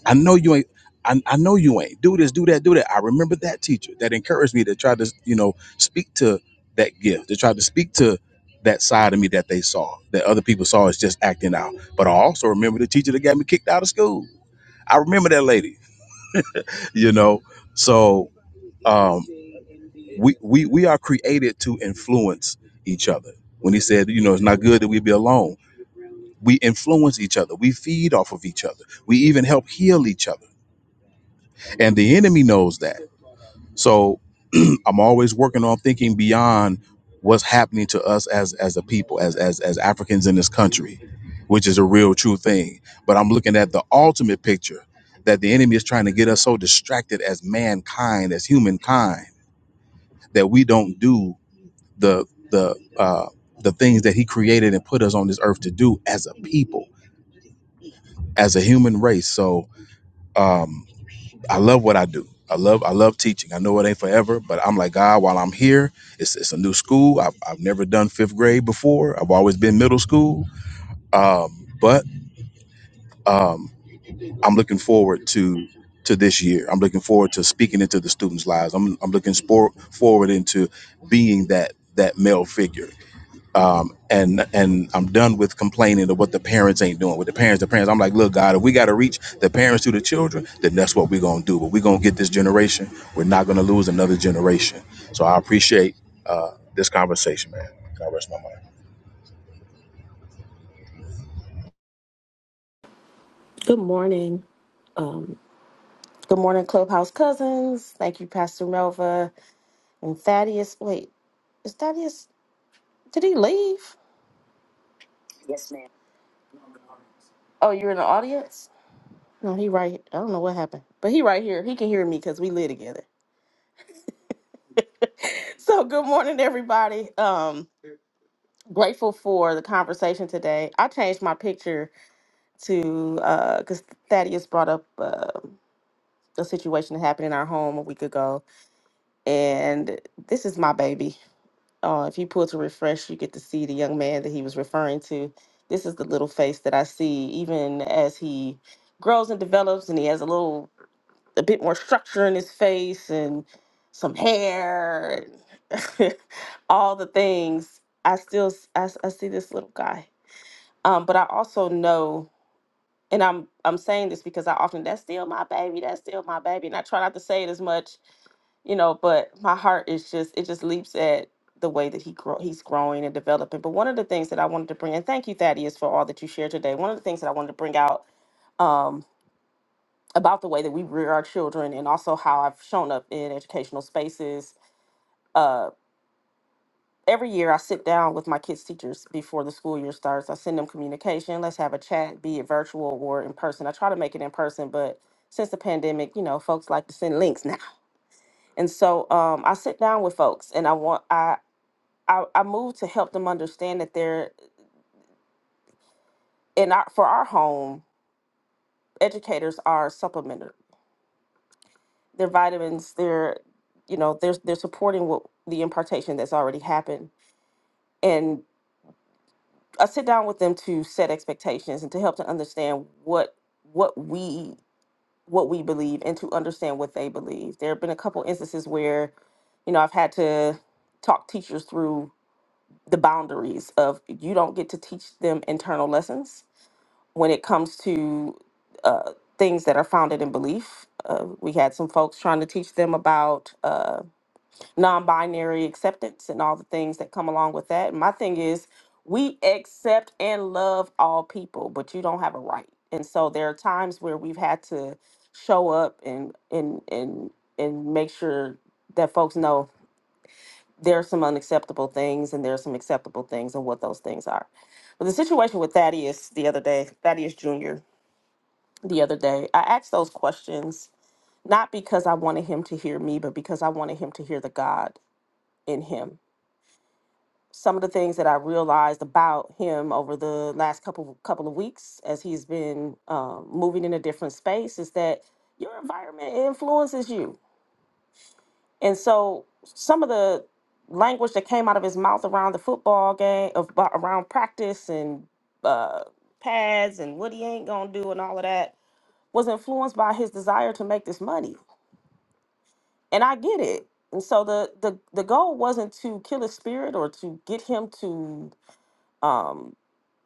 Speaker 8: I know you ain't. I, I know you ain't. Do this, do that, do that. I remember that teacher that encouraged me to try to, you know, speak to that gift, to try to speak to that side of me that they saw, that other people saw as just acting out. But I also remember the teacher that got me kicked out of school. I remember that lady, <laughs> you know. So um, we we we are created to influence each other. When he said, you know, it's not good that we be alone. We influence each other. We feed off of each other. We even help heal each other. And the enemy knows that. So <clears throat> I'm always working on thinking beyond what's happening to us as as a people, as as as Africans in this country, which is a real true thing. But I'm looking at the ultimate picture that the enemy is trying to get us so distracted as mankind, as humankind, that we don't do the the uh, the things that He created and put us on this earth to do as a people, as a human race. So um, I love what I do. I love I love teaching. I know it ain't forever, but I'm like God. While I'm here, it's it's a new school. I've I've never done fifth grade before. I've always been middle school. Um, but um, I'm looking forward to to this year. I'm looking forward to speaking into the students' lives. I'm I'm looking sport forward into being that that male figure um, and and I'm done with complaining of what the parents ain't doing with the parents. The parents, I'm like, look, God, if we got to reach the parents to the children, then that's what we're gonna do. But we're gonna get this generation. We're not gonna lose another generation. So I appreciate uh, this conversation, man. And I rest my mind?
Speaker 7: Good morning. Um, good morning, Clubhouse cousins. Thank you, Pastor Melva and Thaddeus. Wait, is Thaddeus? Did he leave? Oh, you're in the audience. No, he right. I don't know what happened, but he right here. He can hear me because we live together. <laughs> so, good morning, everybody. Um, grateful for the conversation today. I changed my picture to because Thaddeus brought up uh, a situation that happened in our home a week ago, and this is my baby. Uh, if you pull to refresh, you get to see the young man that he was referring to. This is the little face that I see, even as he grows and develops, and he has a little, a bit more structure in his face and some hair, and <laughs> all the things. I still, s- I, s- I see this little guy. Um, but I also know and I'm I'm saying this because I often that's still my baby, that's still my baby, and I try not to say it as much, you know. But my heart is just it just leaps at the way that he grow he's growing and developing. But one of the things that I wanted to bring, and thank you Thaddeus for all that you shared today. One of the things that I wanted to bring out um, about the way that we rear our children, and also how I've shown up in educational spaces uh, every year I sit down with my kids' teachers before the school year starts. I send them communication. Let's have a chat, be it virtual or in person. I try to make it in person, but since the pandemic, you know, folks like to send links <laughs> now. And so um, I sit down with folks and I want I I, I move to help them understand that they're in our for our home, educators are supplemented. They're vitamins, they're you know, they're they're supporting what the impartation that's already happened and. I sit down with them to set expectations and to help to understand what what we what we believe and to understand what they believe. There have been a couple instances where, you know, I've had to talk teachers through the boundaries of you don't get to teach them internal lessons when it comes to uh, things that are founded in belief. Uh, we had some folks trying to teach them about. Uh, non-binary acceptance and all the things that come along with that. And my thing is, we accept and love all people, but you don't have a right. And so there are times where we've had to show up and and and and make sure that folks know there are some unacceptable things and there are some acceptable things and what those things are. But the situation with Thaddeus the other day, Thaddeus Jr. the other day, I asked those questions not because I wanted him to hear me, but because I wanted him to hear the God in him some of the things that I realized about him over the last couple couple of weeks as he's been um, moving in a different space is that your environment influences you, and so some of the language that came out of his mouth around the football game, of- uh, around practice and uh, pads and what he ain't gonna do and all of that was influenced by his desire to make this money, and I get it. And so the the the goal wasn't to kill his spirit or to get him to. Um,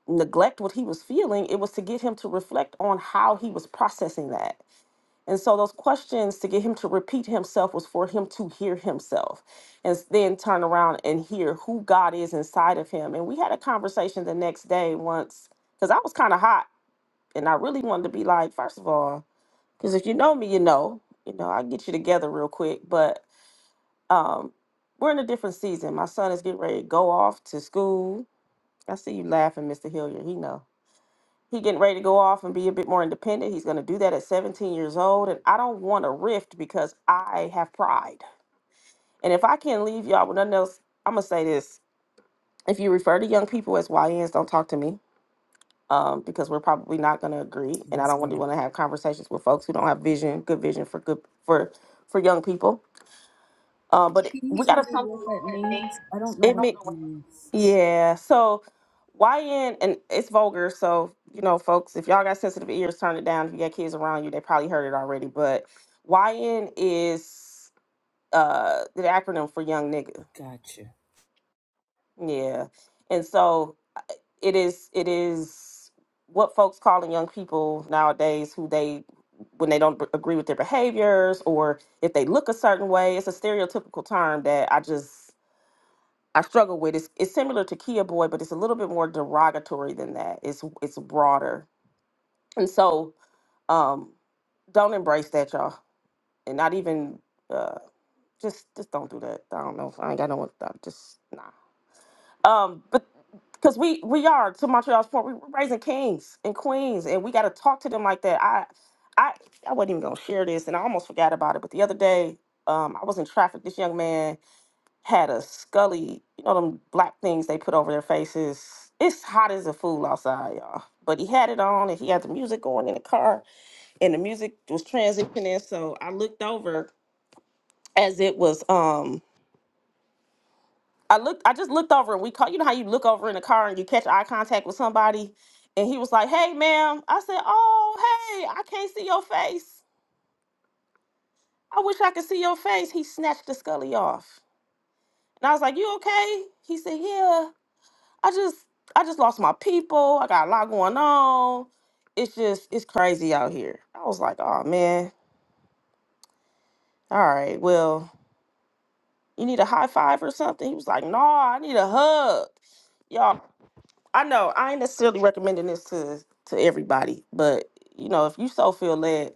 Speaker 7: neglect what he was feeling, it was to get him to reflect on how he was processing that. And so those questions to get him to repeat himself was for him to hear himself and s- then turn around and hear who God is inside of him. And we had a conversation the next day once because I was kind of hot and I really wanted to be like, first of all, because if you know me, you know, you know, I get you together real quick. But um, we're in a different season. My son is getting ready to go off to school. I see you laughing, Mr. Hilliard. He know. He getting ready to go off and be a bit more independent. He's going to do that at 17 years old, and I don't want a rift because I have pride. And if I can leave y'all with nothing else, I'm gonna say this: if you refer to young people as YNs, don't talk to me um, because we're probably not going to agree, and I don't want to want to have conversations with folks who don't have vision, good vision for good for for young people. Um, but we got to admit. Yeah. So YN and it's vulgar, so you know, folks, if y'all got sensitive ears, turn it down. If you got kids around you, they probably heard it already. But YN is uh the acronym for young nigga. Yeah. And so it is it is what folks calling young people nowadays who they when they don't b- agree with their behaviors or if they look a certain way, it's a stereotypical term that I just I struggle with is it's similar to Kia Boy, but it's a little bit more derogatory than that. It's it's broader, and so um, don't embrace that, y'all, and not even uh, just just don't do that. I don't know. I ain't got no one. I'm just nah. Um, but because we we are to Montreal's point, we- we're raising kings and queens, and we got to talk to them like that. I I I wasn't even gonna share this, and I almost forgot about it. But the other day, um, I was in traffic. This young man had a scully, you know, them black things they put over their faces. It's hot as a fool outside, y'all. But he had it on and he had the music going in the car and the music was transitioning. So I looked over as it was um I looked I just looked over and we caught you know how you look over in the car and you catch eye contact with somebody and he was like, Hey ma'am. I said, Oh, hey, I can't see your face. I wish I could see your face. He snatched the scully off. And I was like, You okay? He said, Yeah. I just I just lost my people. I got a lot going on. It's just it's crazy out here. I was like, oh man, all right, well, you need a high five or something? He was like, no, I need a hug. Y'all, I know I ain't necessarily recommending this to to everybody, but you know, if you so feel led,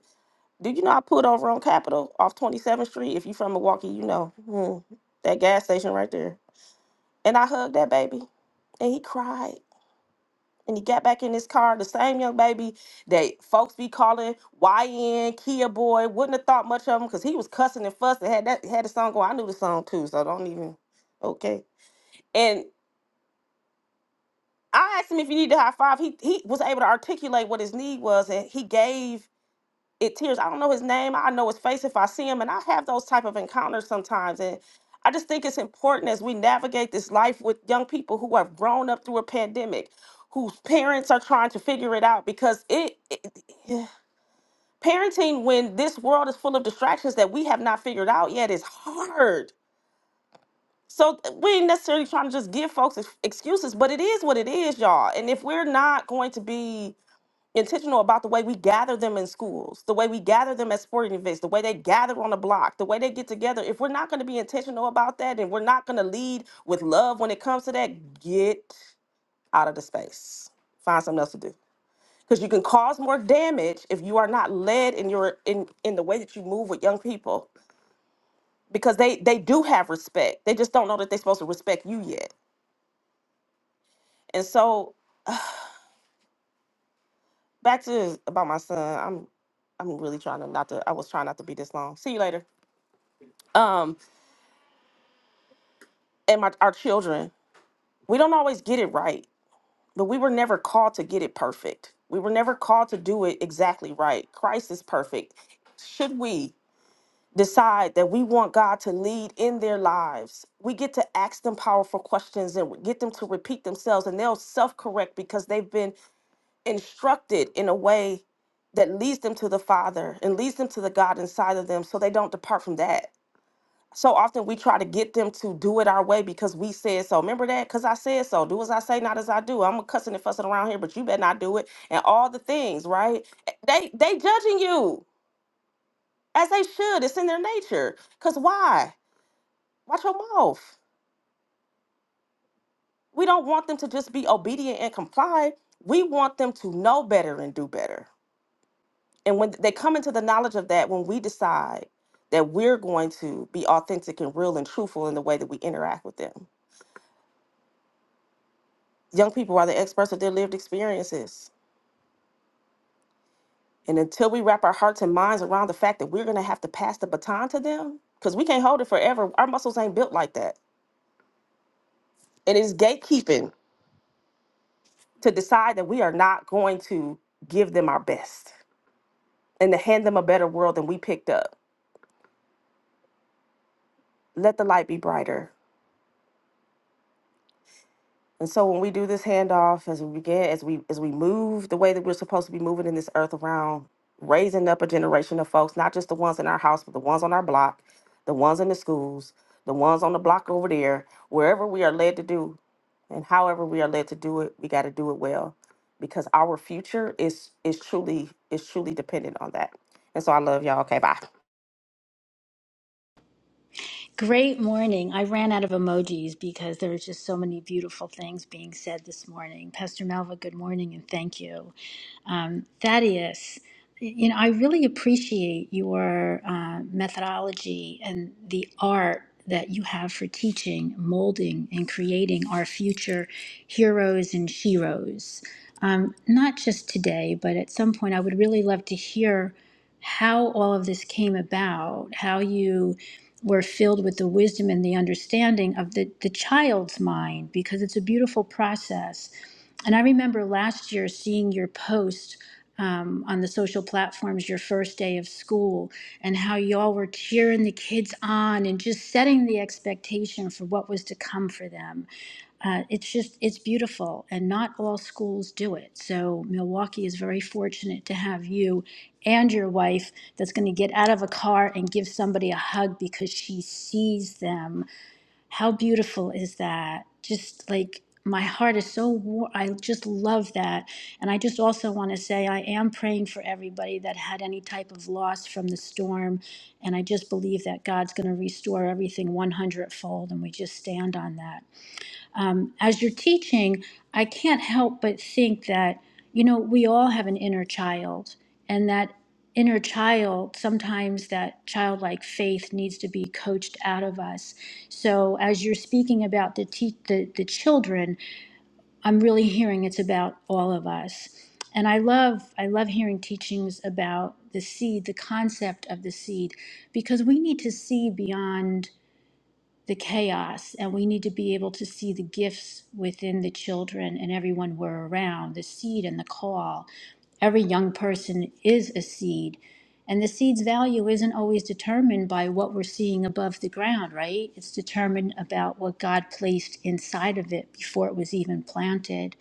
Speaker 7: do you know I pulled over on Capitol off 27th Street? If you from Milwaukee, you know. Hmm, that gas station right there. And I hugged that baby and he cried. and he got back in his car, the same young baby that folks be calling YN, Kia Boy, wouldn't have thought much of him because he was cussing and fussing. Had that had the song going. I knew the song too, so don't even okay. And I asked him if he needed a high five. He he was able to articulate what his need was and he gave it tears. I don't know his name. I know his face if I see him, and I have those type of encounters sometimes. And I just think it's important as we navigate this life with young people who have grown up through a pandemic, whose parents are trying to figure it out because it, it it- parenting when this world is full of distractions that we have not figured out yet is hard. So th- we ain't necessarily trying to just give folks ex- excuses, but it is what it is, y'all. And if we're not going to be intentional about the way we gather them in schools, the way we gather them at sporting events, the way they gather on the block, the way they get together. If we're not going to be intentional about that and we're not going to lead with love when it comes to that, get out of the space. Find something else to do. Because you can cause more damage if you are not led in your in in the way that you move with young people. Because they they do have respect. They just don't know that they're supposed to respect you yet. And so back to about my son. I'm I'm really trying to not to I was trying not to be this long. See you later. Um. and my, our children, we don't always get it right, but we were never called to get it perfect. We were never called to do it exactly right. Christ is perfect. Should we decide that we want God to lead in their lives, we get to ask them powerful questions and get them to repeat themselves, and they'll self correct because they've been instructed in a way that leads them to the Father and leads them to the God inside of them so they don't depart from that so often we try to get them to do it our way because we said so. Remember that? Because I said so. Do as I say, not as I do. I'm cussing and fussing around here, but you better not do it. And all the things, right? Eh, They they judging you as they should. It's in their nature. Cause why? Watch your mouth. We don't want them to just be obedient and comply. We want them to know better and do better. And when they come into the knowledge of that, when we decide that we're going to be authentic and real and truthful in the way that we interact with them Young people are the experts of their lived experiences. And until we wrap our hearts and minds around the fact that we're going to have to pass the baton to them, because we can't hold it forever, our muscles ain't built like that. And it's gatekeeping to decide that we are not going to give them our best and to hand them a better world than we picked up. Let the light be brighter. And so when we do this handoff, as we begin, as we as we move the way that we're supposed to be moving in this earth around, raising up a generation of folks, not just the ones in our house, but the ones on our block, the ones in the schools, the ones on the block over there, wherever we are led to do, and however we are led to do it, we got to do it well, because our future is is truly is truly dependent on that. And so I love y'all. Okay, bye.
Speaker 10: Great morning. I ran out of emojis because there was just so many beautiful things being said this morning. Pastor Melva, good morning and thank you. Um, Thaddeus, you know, I really appreciate your uh, methodology and the art that you have for teaching, molding, and creating our future heroes and sheroes. Um, not just today, but at some point, I would really love to hear how all of this came about, how you we're filled with the wisdom and the understanding of the, the child's mind because it's a beautiful process. And I remember last year seeing your post um, on the social platforms your first day of school and how y'all were cheering the kids on and just setting the expectation for what was to come for them uh, it's just it's beautiful and not all schools do it so milwaukee is very fortunate to have you and your wife that's going to get out of a car and give somebody a hug because she sees them how beautiful is that just like my heart is so warm i just love that and i just also want to say i am praying for everybody that had any type of loss from the storm and i just believe that god's going to restore everything one hundredfold, and we just stand on that um, as you're teaching, I can't help but think that, you know, we all have an inner child, and that inner child, sometimes that childlike faith needs to be coached out of us. So as you're speaking about the, te- the, the children, I'm really hearing it's about all of us. And I love I love hearing teachings about the seed, the concept of the seed, because we need to see beyond the chaos and we need to be able to see the gifts within the children and everyone we're around the seed and the call every young person is a seed and the seed's value isn't always determined by what we're seeing above the ground right it's determined about what god placed inside of it before it was even planted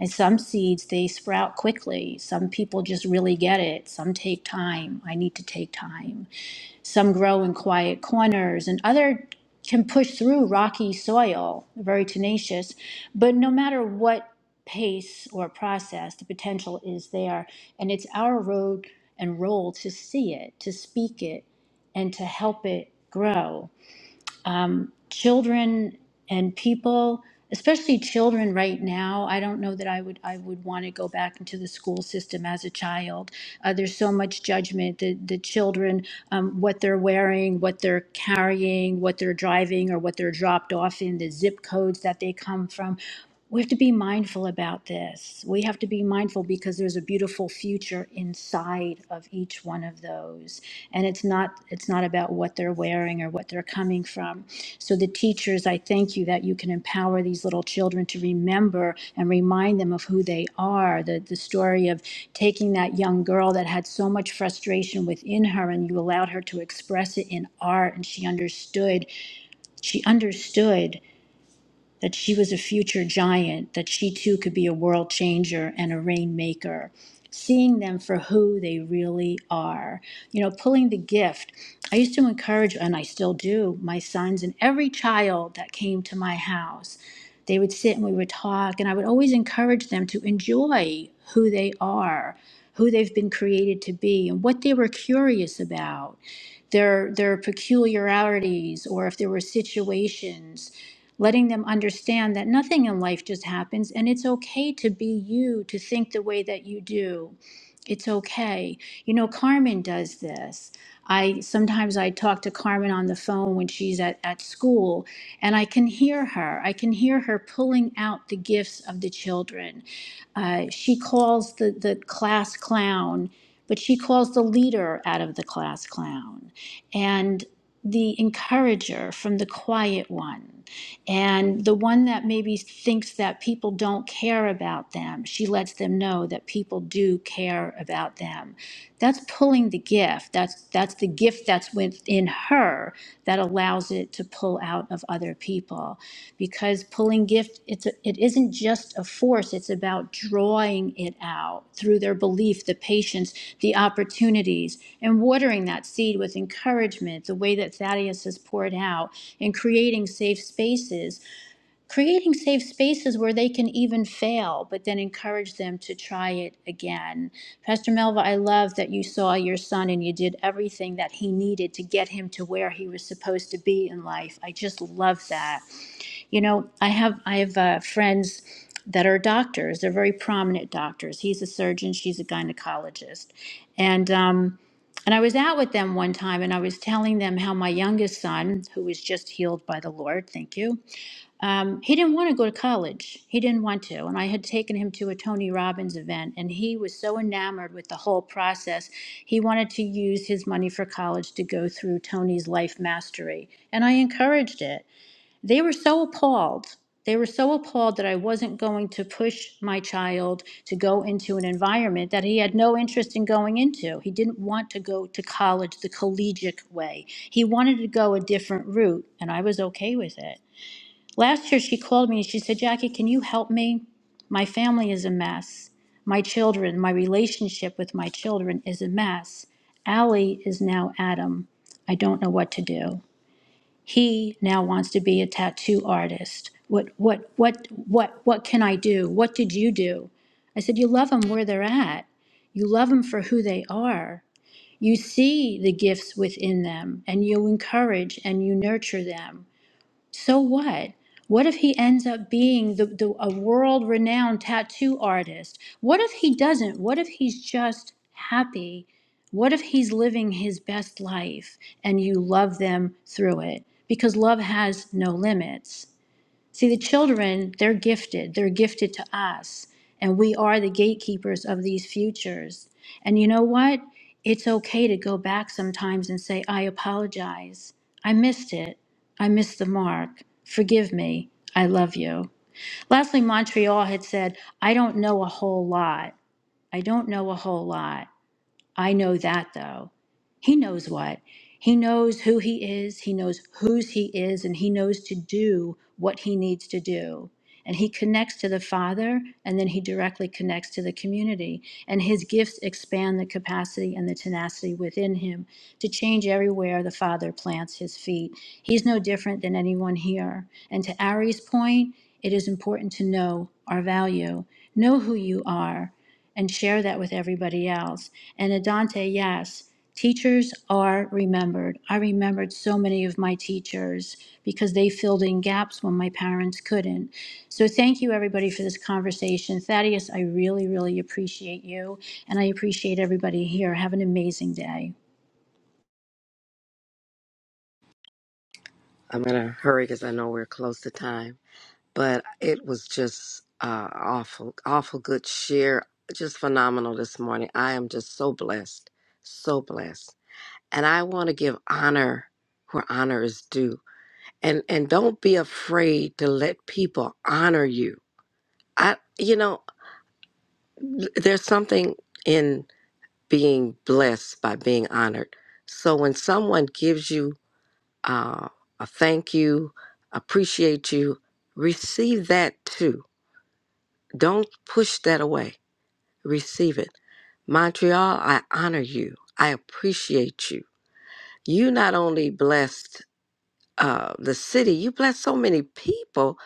Speaker 10: and some seeds they sprout quickly some people just really get it some take time i need to take time some grow in quiet corners, and other can push through rocky soil, very tenacious. But no matter what pace or process, the potential is there. And it's our road and role to see it, to speak it, and to help it grow um, children and people, especially children right now. I don't know that I would I would want to go back into the school system as a child. Uh, there's so much judgment. The the children, um, what they're wearing, what they're carrying, what they're driving, or what they're dropped off in, the zip codes that they come from. We have to be mindful about this. We have to be mindful because there's a beautiful future inside of each one of those. And it's not it's not about what they're wearing or what they're coming from. So the teachers, I thank you that you can empower these little children to remember and remind them of who they are. The the story of taking that young girl that had so much frustration within her and you allowed her to express it in art and she understood. She understood that she was a future giant, that she too could be a world changer and a rainmaker, seeing them for who they really are. You know, pulling the gift. I used to encourage, and I still do, my sons and every child that came to my house. They would sit and we would talk, and I would always encourage them to enjoy who they are, who they've been created to be, and what they were curious about their their peculiarities or if there were situations letting them understand that nothing in life just happens and it's okay to be you, to think the way that you do. It's okay. You know, Carmen does this. I sometimes I talk to Carmen on the phone when she's at, at school and I can hear her. I can hear her pulling out the gifts of the children. Uh, she calls the, the class clown, but she calls the leader out of the class clown. And the encourager from the quiet one. And the one that maybe thinks that people don't care about them, she lets them know that people do care about them that's pulling the gift that's that's the gift that's within her that allows it to pull out of other people because pulling gift it's a, it isn't just a force it's about drawing it out through their belief the patience the opportunities and watering that seed with encouragement the way that thaddeus has poured out and creating safe spaces creating safe spaces where they can even fail, but then encourage them to try it again. Pastor Melva, I love that you saw your son and you did everything that he needed to get him to where he was supposed to be in life. I just love that. You know, I have I have uh, friends that are doctors. They're very prominent doctors. He's a surgeon. She's a gynecologist, and um, and I was out with them one time and I was telling them how my youngest son, who was just healed by the Lord, thank you, um, he didn't want to go to college. He didn't want to. And I had taken him to a Tony Robbins event, and he was so enamored with the whole process. He wanted to use his money for college to go through Tony's life mastery. And I encouraged it. They were so appalled. They were so appalled that I wasn't going to push my child to go into an environment that he had no interest in going into. He didn't want to go to college the collegiate way. He wanted to go a different route, and I was okay with it. Last year, she called me and she said, Jackie, can you help me? My family is a mess. My children, my relationship with my children is a mess. Allie is now Adam. I don't know what to do. He now wants to be a tattoo artist. What, what, what, what, what can I do? What did you do? I said, You love them where they're at. You love them for who they are. You see the gifts within them and you encourage and you nurture them so what? What if he ends up being the, the, a world renowned tattoo artist? What if he doesn't? What if he's just happy? What if he's living his best life and you love them through it? Because love has no limits. See, the children, they're gifted. They're gifted to us. And we are the gatekeepers of these futures. And you know what? It's okay to go back sometimes and say, I apologize. I missed it. I missed the mark. Forgive me. I love you. Lastly, Montreal had said, I don't know a whole lot. I don't know a whole lot. I know that though. He knows what. He knows who he is, he knows whose he is, and he knows to do what he needs to do. And he connects to the Father, and then he directly connects to the community. And his gifts expand the capacity and the tenacity within him to change everywhere the Father plants his feet. He's no different than anyone here. And to Ari's point, it is important to know our value, know who you are, and share that with everybody else and Adante, yes, teachers are remembered. I remembered so many of my teachers because they filled in gaps when my parents couldn't. So thank you, everybody, for this conversation. Thaddeus, I really, really appreciate you, and I appreciate everybody here. Have an amazing day.
Speaker 9: I'm in a hurry because I know we're close to time, but it was just uh, awful, awful good share. Just phenomenal this morning. I am just so blessed, so blessed, and I want to give honor where honor is due, and and don't be afraid to let people honor you. I, you know, there's something in being blessed by being honored. So when someone gives you uh, a thank you, appreciate you. Receive that too. Don't push that away. Receive it. Montreal, I honor you. I appreciate you. You not only blessed uh, the city, you blessed so many people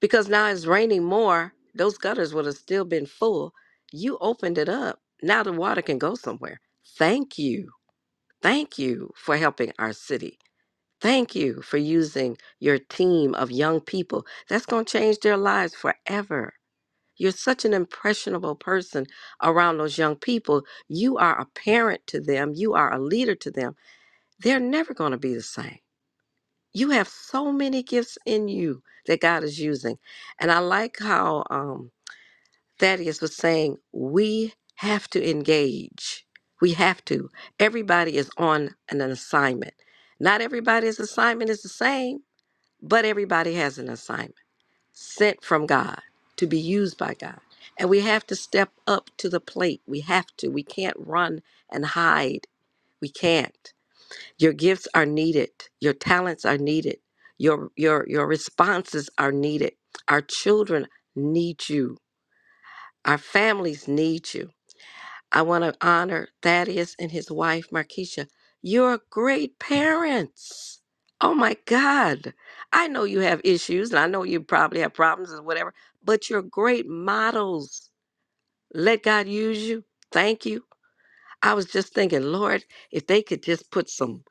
Speaker 9: because now it's raining more. Those gutters would have still been full. You opened it up. Now the water can go somewhere. Thank you. Thank you for helping our city Thank you for using your team of young people. That's going to change their lives forever. You're such an impressionable person around those young people. You are a parent to them, you are a leader to them. They're never going to be the same. You have so many gifts in you that God is using. And I like how um, Thaddeus was saying, we have to engage. We have to. Everybody is on an assignment. Not everybody's assignment is the same but everybody has an assignment sent from God to be used by God. And we have to step up to the plate. We have to. We can't run and hide. We can't. Your gifts are needed. Your talents are needed. Your your your responses are needed. Our children need you. Our families need you. I want to honor Thaddeus and his wife, Markeisha. You're great parents. Oh my God. I know you have issues and I know you probably have problems and whatever, but you're great models. Let God use you. Thank you. I was just thinking, Lord, if they could just put some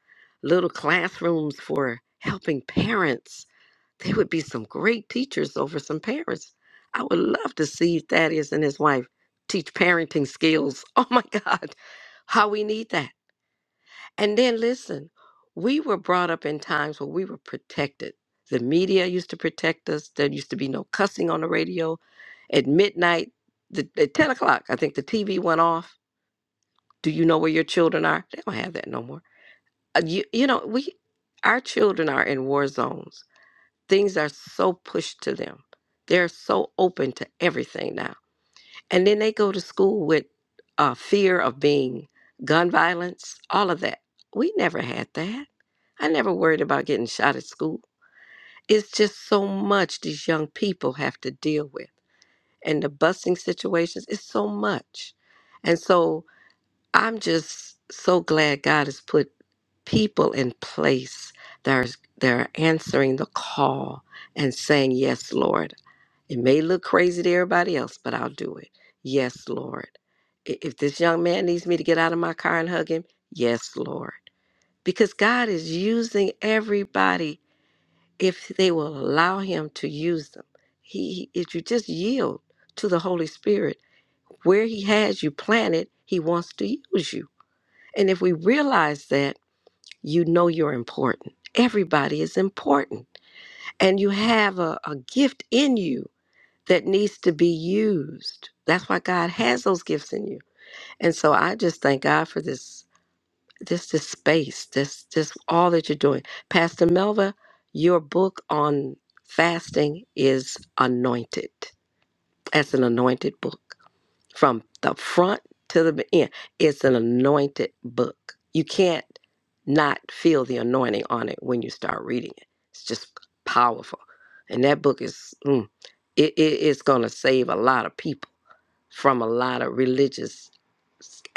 Speaker 9: little classrooms for helping parents, they would be some great teachers over some parents. I would love to see Thaddeus and his wife teach parenting skills. <laughs> Oh my God how we need that. And then listen, we were brought up in times where we were protected. The media used to protect us. There used to be no cussing on the radio. At midnight, the, at 10 o'clock, I think the TV went off. Do you know where your children are? They don't have that no more. Uh, You, you know, we, our children are in war zones. Things are so pushed to them. They're so open to everything now And then they go to school with uh, fear of being gun violence, all of that. We never had that. I never worried about getting shot at school. It's just so much these young people have to deal with. And the busing situations, it's so much. And so I'm just so glad God has put people in place that are, that are answering the call and saying, Yes, Lord. It may look crazy to everybody else, but I'll do it. Yes, Lord. I- If this young man needs me to get out of my car and hug him, yes, Lord. Because God is using everybody if they will allow Him to use them. He, he- if you just yield to the Holy Spirit, where He has you planted, He wants to use you. And if we realize that, you know you're important. Everybody is important, and you have a a gift in you that needs to be used. That's why God has those gifts in you. And so I just thank God for this this this space, this this all that you're doing. Pastor Melva, your book on fasting is anointed. That's an anointed book from the front to the end. It's an anointed book. You can't not feel the anointing on it when you start reading it. It's just powerful. And that book is, mm, it, it, it's going to save a lot of people from a lot of religious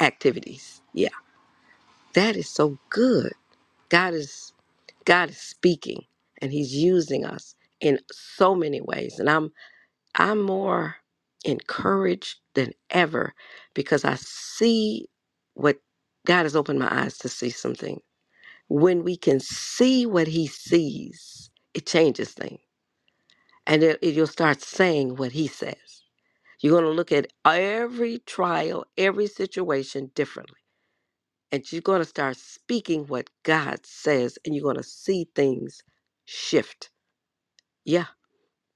Speaker 9: activities. Yeah, that is so good. God is God is speaking and he's using us in so many ways. And I'm I'm more encouraged than ever because I see what God has opened my eyes to see something. When we can see what He sees, it changes things. And it, it- you'll start saying what He says. You're going to look at every trial, every situation differently. And you're going to start speaking what God says, and you're going to see things shift. Yeah.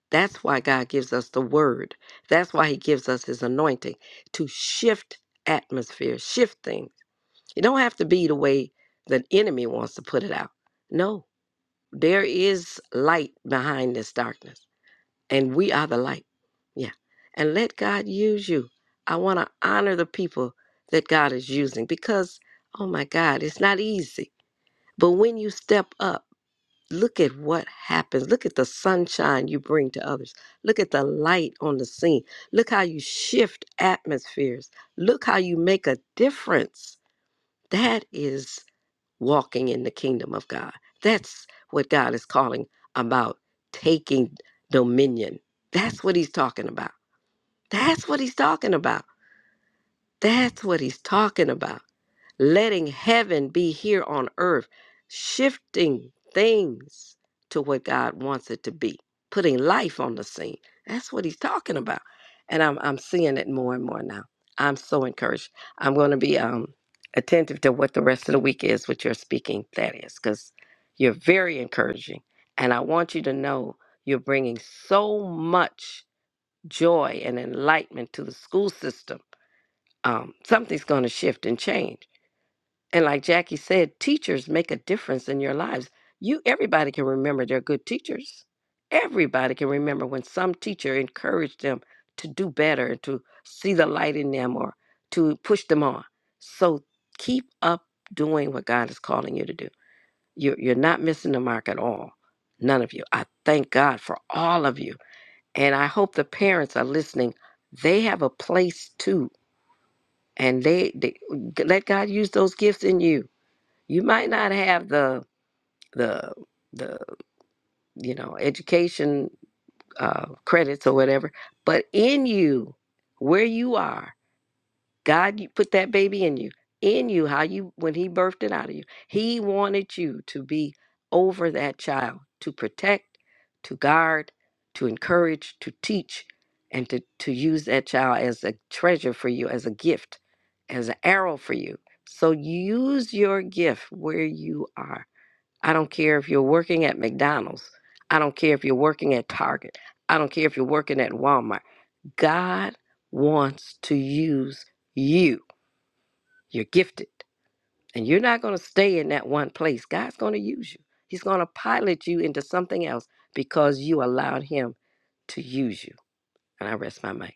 Speaker 9: That's why God gives us the word. That's why he gives us his anointing to shift atmosphere, shift things. It don't have to be the way the enemy wants to put it out. No, there is light behind this darkness, and we are the light. Yeah. And let God use you. I want to honor the people that God is using because, oh my God, it's not easy. But when you step up, look at what happens. Look at the sunshine you bring to others. Look at the light on the scene. Look how you shift atmospheres. Look how you make a difference. That is walking in the kingdom of God. That's what God is calling about taking dominion. That's what he's talking about. That's what he's talking about. That's what he's talking about letting heaven be here on earth, shifting things to what God wants it to be, putting life on the scene. That's what he's talking about. And I'm, I'm seeing it more and more now. I'm so encouraged. I'm going to be um, attentive to what the rest of the week is, what you're speaking, Thaddeus, because you're very encouraging. And I want you to know you're bringing so much joy and enlightenment to the school system. Um, something's going to shift and change and like Jackie said, teachers make a difference in your lives. You everybody can remember their good teachers. Everybody can remember when some teacher encouraged them to do better, and to see the light in them or to push them on. So keep up doing what God is calling you to do. You're you're not missing the mark at all. None of you. I thank God for all of you. And I hope the parents are listening. They have a place too. And they, they let God use those gifts in you you might not have the the the you know education uh, credits or whatever, but in you, where you are, God, you put that baby in you. In you, how you when He birthed it out of you, He wanted you to be over that child, to protect, to guard, to encourage, to teach, and to to use that child as a treasure for you, as a gift, as an arrow for you. So use your gift where you are I don't care if you're working at McDonald's. I don't care if you're working at Target. I don't care if you're working at Walmart. God wants to use you. You're gifted. And you're not going to stay in that one place. God's going to use you. He's going to pilot you into something else because you allowed Him to use you. And I rest my mic.